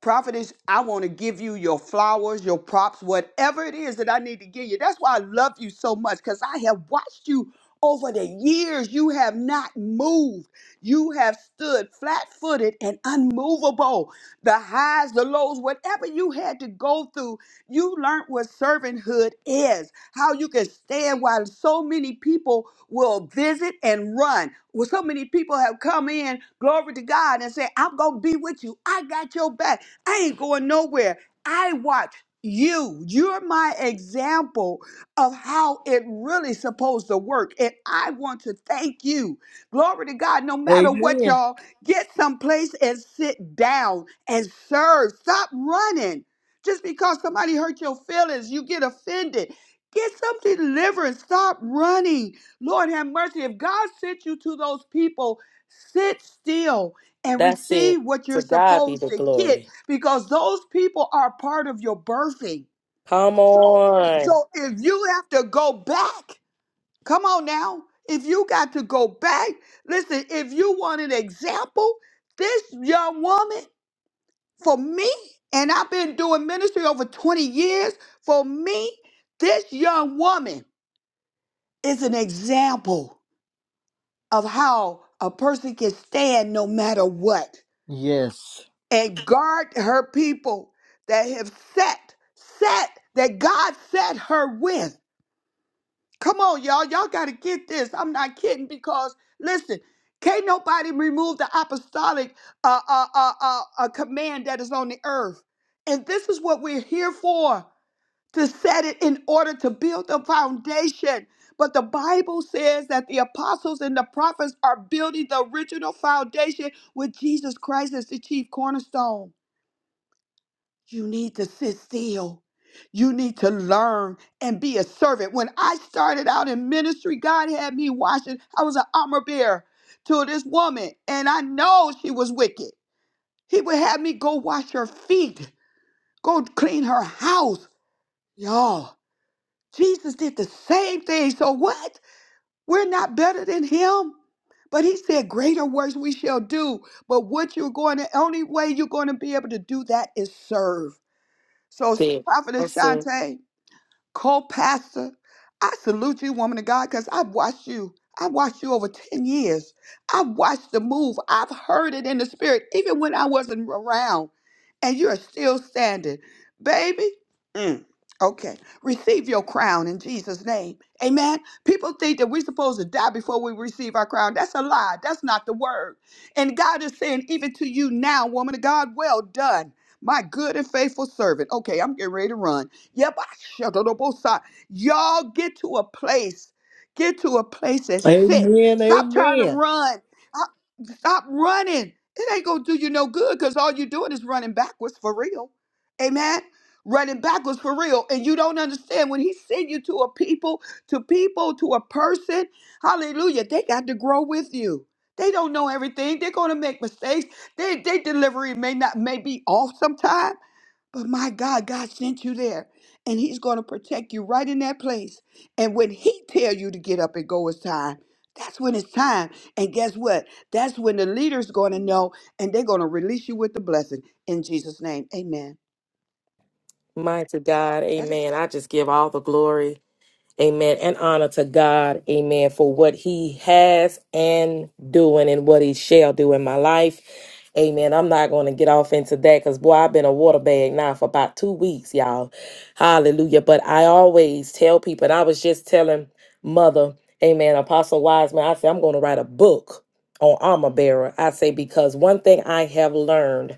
D: Prophetess, I want to give you your flowers, your props, whatever it is that I need to give you. That's why I love you so much because I have watched you over the years. You have not moved. You have stood flat footed and unmovable. The highs, the lows, whatever you had to go through, you learned what servanthood is, how you can stand while so many people will visit and run. Well, so many people have come in, glory to God, and say, I'm going to be with you. I got your back. I ain't going nowhere. I watch you. You're my example of how it really supposed to work. And I want to thank you. Glory to God. No matter what,
B: Amen.
D: y'all, get someplace and sit down and serve. Stop running. Just because somebody hurt your feelings, you get offended. Get some deliverance. Stop running. Lord have mercy. If God sent you to those people, sit still and
A: That's it.
D: receive what
A: To
D: you're
A: God be
D: supposed
A: the
D: to get
A: glory.
D: because those people are part of your birthing.
A: Come on.
D: So if you have to go back, come on now. If you got to go back, listen, if you want an example, this young woman, for me, and I've been doing ministry over 20 years, for me, this young woman is an example of how a person can stand no matter what.
B: Yes.
D: and guard her people that have set, set that God set her with. Come on, y'all. Y'all got to get this. I'm not kidding because, listen, can't nobody remove the apostolic uh, uh, uh, uh, uh, command that is on the earth. And this is what we're here for to set it in order to build the foundation. But the Bible says that the apostles and the prophets are building the original foundation with Jesus Christ as the chief cornerstone. You need to sit still. You need to learn and be a servant. When I started out in ministry, God had me washing. I was an armor bearer to this woman, and I know she was wicked. He would have me go wash her feet, go clean her house. Y'all, Jesus did the same thing. So what? We're not better than him. But he said, Greater works we shall do. But what you're going to, only way you're going to be able to do that is serve. So,
A: That's
D: Sh-
A: it.
D: Prophetess
A: That's it.
D: Ashante, co-pastor. I salute you, woman of God, because I've watched you. I've watched you over 10 years. I've watched the move. I've heard it in the spirit, even when I wasn't around. And you are still standing. Baby, mm, okay. Receive your crown in Jesus' name. Amen. People think that we're supposed to die before we receive our crown. That's a lie. That's not the word. And God is saying, even to you now, woman of God, well done. My good and faithful servant. Okay, I'm getting ready to run. Yabashadadabosa. Y'all get to a place. Get to a place and sit.
B: Amen,
D: Stop trying to
B: amen.
D: run. Stop stop running. It ain't going to do you no good because all you're doing is running backwards for real. Amen. Running backwards for real. And you don't understand when he send you to a people, to people, to a person, hallelujah, they got to grow with you. They don't know everything. They're going to make mistakes. They, they delivery may not may be off sometimes. But my God, God sent you there, and He's going to protect you right in that place. And when He tell you to get up and go, it's time. That's when it's time. And guess what? That's when the leader's going to know, and they're going to release you with the blessing in Jesus' name. Amen.
A: Mighty God.
D: That is
A: Amen.
D: all.
A: I just give all the glory. Amen. And honor to God. Amen. For what he has and doing and what he shall do in my life. Amen. I'm not going to get off into that because, boy, I've been a water bag now for about two weeks, y'all. Hallelujah. But I always tell people, and I was just telling Mother, Amen, Apostle Wiseman, I say I'm going to write a book on Armor Bearer. I say, because one thing I have learned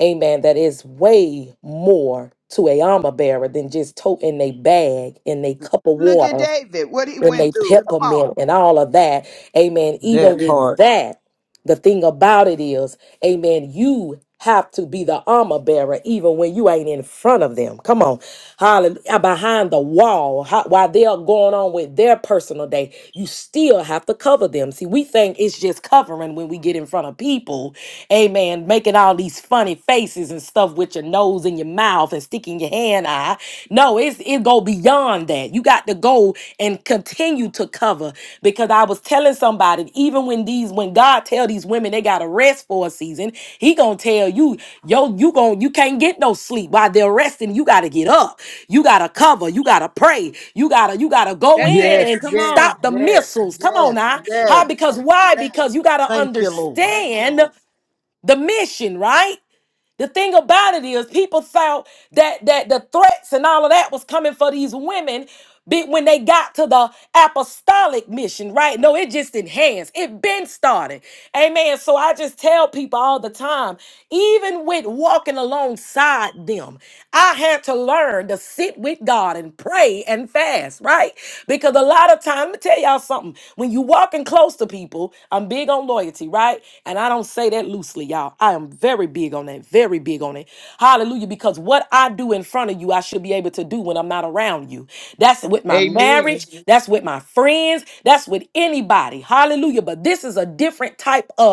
A: amen, that is way more to a armor bearer than just toting a bag and a cup of
D: Look at
A: water
D: David, what he
A: and a
D: went through. Come on.
A: peppermint and all of that. Amen. Even
B: That
A: with
B: part.
A: that, the thing about it is, amen, you have to be the armor bearer even when you ain't in front of them. Come on. Hallelujah. Behind the wall, how, while they're going on with their personal day, you still have to cover them. See, we think it's just covering when we get in front of people Amen. Making all these funny faces and stuff with your nose and your mouth and sticking your hand out. No, it's it go beyond that. You got to go and continue to cover because I was telling somebody even when these when God tell these women they got to rest for a season, He gonna tell you yo you gon' you can't get no sleep while they're resting. You got to get up. You got to cover. You got to pray. You gotta you gotta go
D: That's
A: in
B: Yes,
D: it.
A: and
D: Come
B: yes,
D: on.
A: stop the
B: yes,
A: missiles. Come on
B: yes,
A: now, how?
B: yes.
A: Because why? Because you gotta
B: Thank you, Lord.
A: understand the mission, right? The thing about it is people thought that that the threats and all of that was coming for these women be- when they got to the apostolic mission, right? No, it just enhanced. It been started. Amen. So I just tell people all the time, even with walking alongside them, I had to learn to sit with God and pray and fast fast, right? Because a lot of time, let me tell y'all something. When you walking close to people, I'm big on loyalty, right? And I don't say that loosely, y'all. I am very big on that, very big on it. Hallelujah. Because what I do in front of you, I should be able to do when I'm not around you. That's with my marriage,
B: Amen.
A: that's with my friends, that's with anybody. Hallelujah. But this is a different type of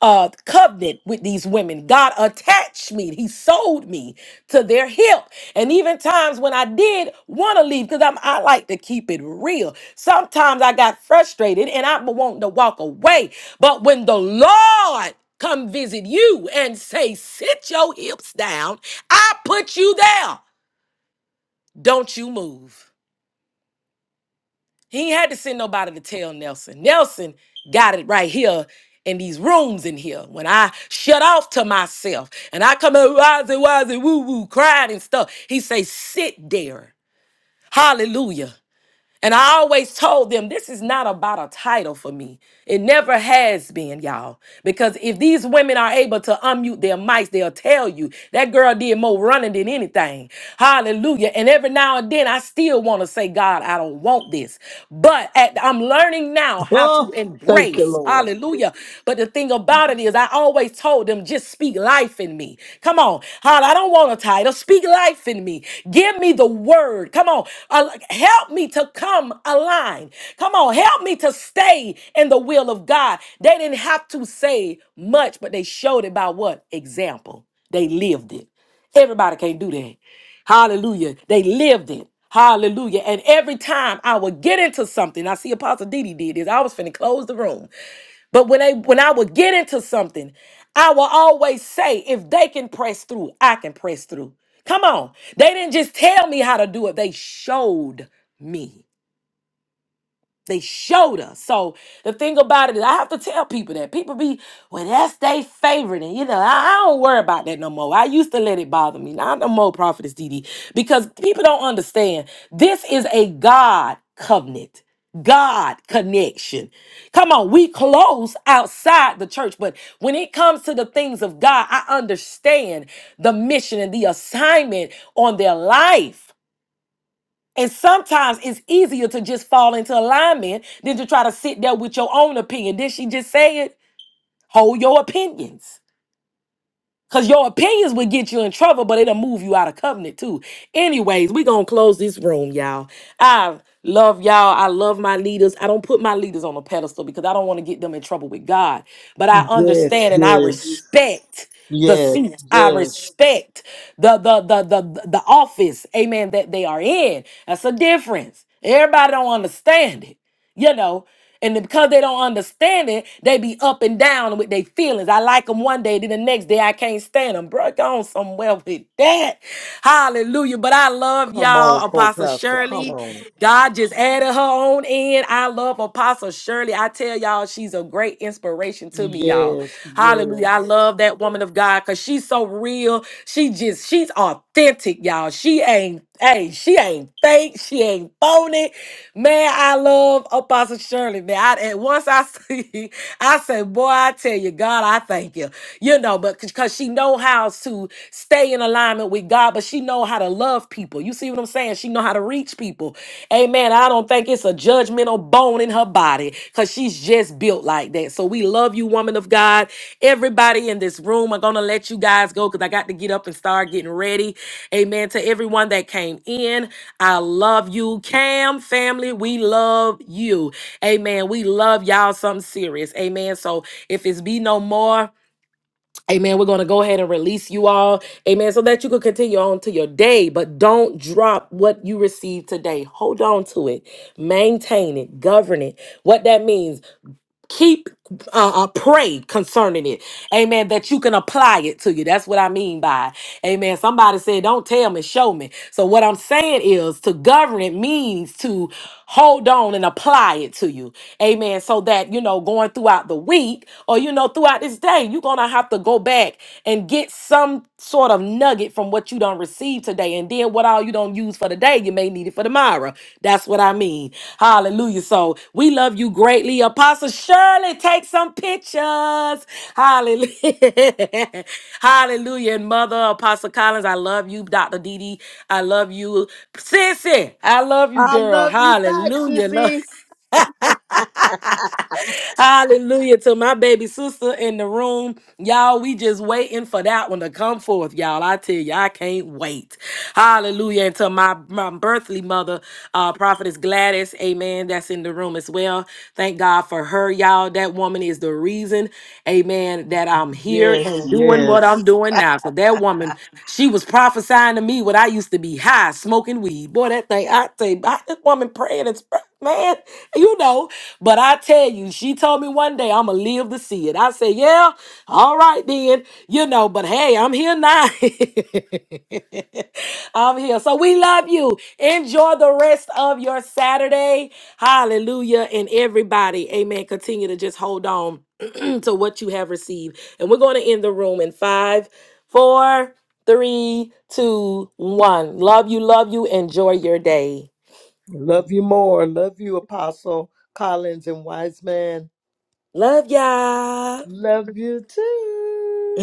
A: uh, covenant with these women. God attached me. He sold me to their help. And even times when I did want to leave, because I'm I like to keep it real. Sometimes I got frustrated and I be wanting to walk away. But when the Lord come visit you and say, sit your hips down, I put you there. Don't you move. He ain't had to send nobody to tell Nelson. Nelson got it right here in these rooms in here. When I shut off to myself and I come out wise and woo woo crying and stuff, he say, sit there. Hallelujah. And I always told them this is not about a title for me. It never has been, y'all. Because if these women are able to unmute their mics, they'll tell you that girl did more running than anything. Hallelujah. And every now and then I still want to say, God, I don't want this. But at, I'm learning now how to
B: Oh, thank you,
A: embrace,
B: Lord.
A: hallelujah. But the thing about it is, I always told them, just speak life in me. Come on. Holla, I don't want a title. Speak life in me. Give me the word. Come on. Al- help me to come aligned. Come on. Help me to stay in the will of God. They didn't have to say much, but they showed it by what? Example. They lived it. Everybody can't do that. Hallelujah. They lived it. Hallelujah. And every time I would get into something, I see Apostle Didi did this. I was finna close the room. But when they when I would get into something, I will always say, if they can press through, I can press through. Come on. They didn't just tell me how to do it, they showed me. They showed us. So the thing about it is, I have to tell people that people be, well, that's they favorite, and you know, I, I don't worry about that no more. I used to let it bother me. Not no more, Prophetess DD, because people don't understand. This is a God covenant. God connection. Come on, we close outside the church, but when it comes to the things of God, I understand the mission and the assignment on their life. And sometimes it's easier to just fall into alignment than to try to sit there with your own opinion. Did she just say it? Hold your opinions. Cause your opinions would get you in trouble, but it'll move you out of covenant too. Anyways, we gonna close this room, y'all. I love y'all. I love my leaders. I don't put my leaders on a pedestal because I don't want to get them in trouble with God. But I
B: Yes,
A: understand and I
B: yes,
A: respect the
B: yes,
A: seat. I
B: yes.
A: respect the the the the the the office, amen, that they are in. That's a difference. Everybody don't understand it you know. And then because they don't understand it, they be up and down with their feelings. I like them one day, then the next day I can't stand them. Bro, go on somewhere with that. Hallelujah. But I love
B: Come on,
A: y'all, Apostle
B: co-pastor. Come
A: Shirley.
B: on.
A: God just added her own end. I love Apostle Shirley. I tell y'all, she's a great inspiration to me, y'all.
B: Yes,
A: Hallelujah. I
B: yes.
A: love that woman of God because she's so real. She just, she's authentic, y'all. She ain't Hey, she ain't fake. She ain't phony. Man, I love Apostle Shirley, man. I, and once I see, I say, boy, I tell you, God, I thank you. You know, but because she know how to stay in alignment with God, but she know how to love people. You see what I'm saying? She know how to reach people. Amen. I don't think it's a judgmental bone bone in her body because she's just built like that. So we love you, woman of God. Everybody in this room, I'm going to let you guys go because I got to get up and start getting ready. Amen. To everyone that came in, I love you. Cam family, we love you. Amen. We love y'all something serious. Amen. So if it's be no more, Amen. We're going to go ahead and release you all. Amen. So that you can continue on to your day, but don't drop what you received today. Hold on to it. Maintain it. Govern it. What that means keep uh, uh pray concerning it amen that you can apply it to you that's what i mean by amen somebody said don't tell me show me so what i'm saying is to govern it means to hold on and apply it to you amen so that you know going throughout the week or you know throughout this day you're gonna have to go back and get some sort of nugget from what you don't receive today and then what all you don't use for the today, you may need it for tomorrow. That's what I mean. Hallelujah. So we love you greatly. Apostle Shirley, take some pictures. Hallelujah. Hallelujah. And Mother Apostle Collins, I love you. Dr. Dee Dee, I love you. Sissy, I love you,
B: I
A: girl.
B: love you back,
A: Hallelujah. Love.
B: sissy.
A: Hallelujah to my baby sister in the room. Y'all, we just waiting for that one to come forth, y'all. I tell you, I can't wait. Hallelujah. And to my, my birthly mother, uh, Prophetess Gladys, amen, that's in the room as well. Thank God for her, y'all. That woman is the reason, amen, that I'm here
B: Yes,
A: and doing what
B: yes.
A: I'm doing now. So that woman, she was prophesying to me when I used to be high smoking weed. Boy, that thing, I tell you, I- that woman praying and sp- man, you know. But I tell you, she told me one day I'ma live to see it. I said, yeah, all right then, you know. But hey, I'm here now. I'm here. So we love you. Enjoy the rest of your Saturday. Hallelujah. And everybody, amen. Continue to just hold on to what you have received. And we're going to end the room in five, four, three, two, one. Love you, love you. Enjoy your day.
B: Love you more. Love you, Apostle Collins and Wiseman.
A: Love ya.
B: Love you too.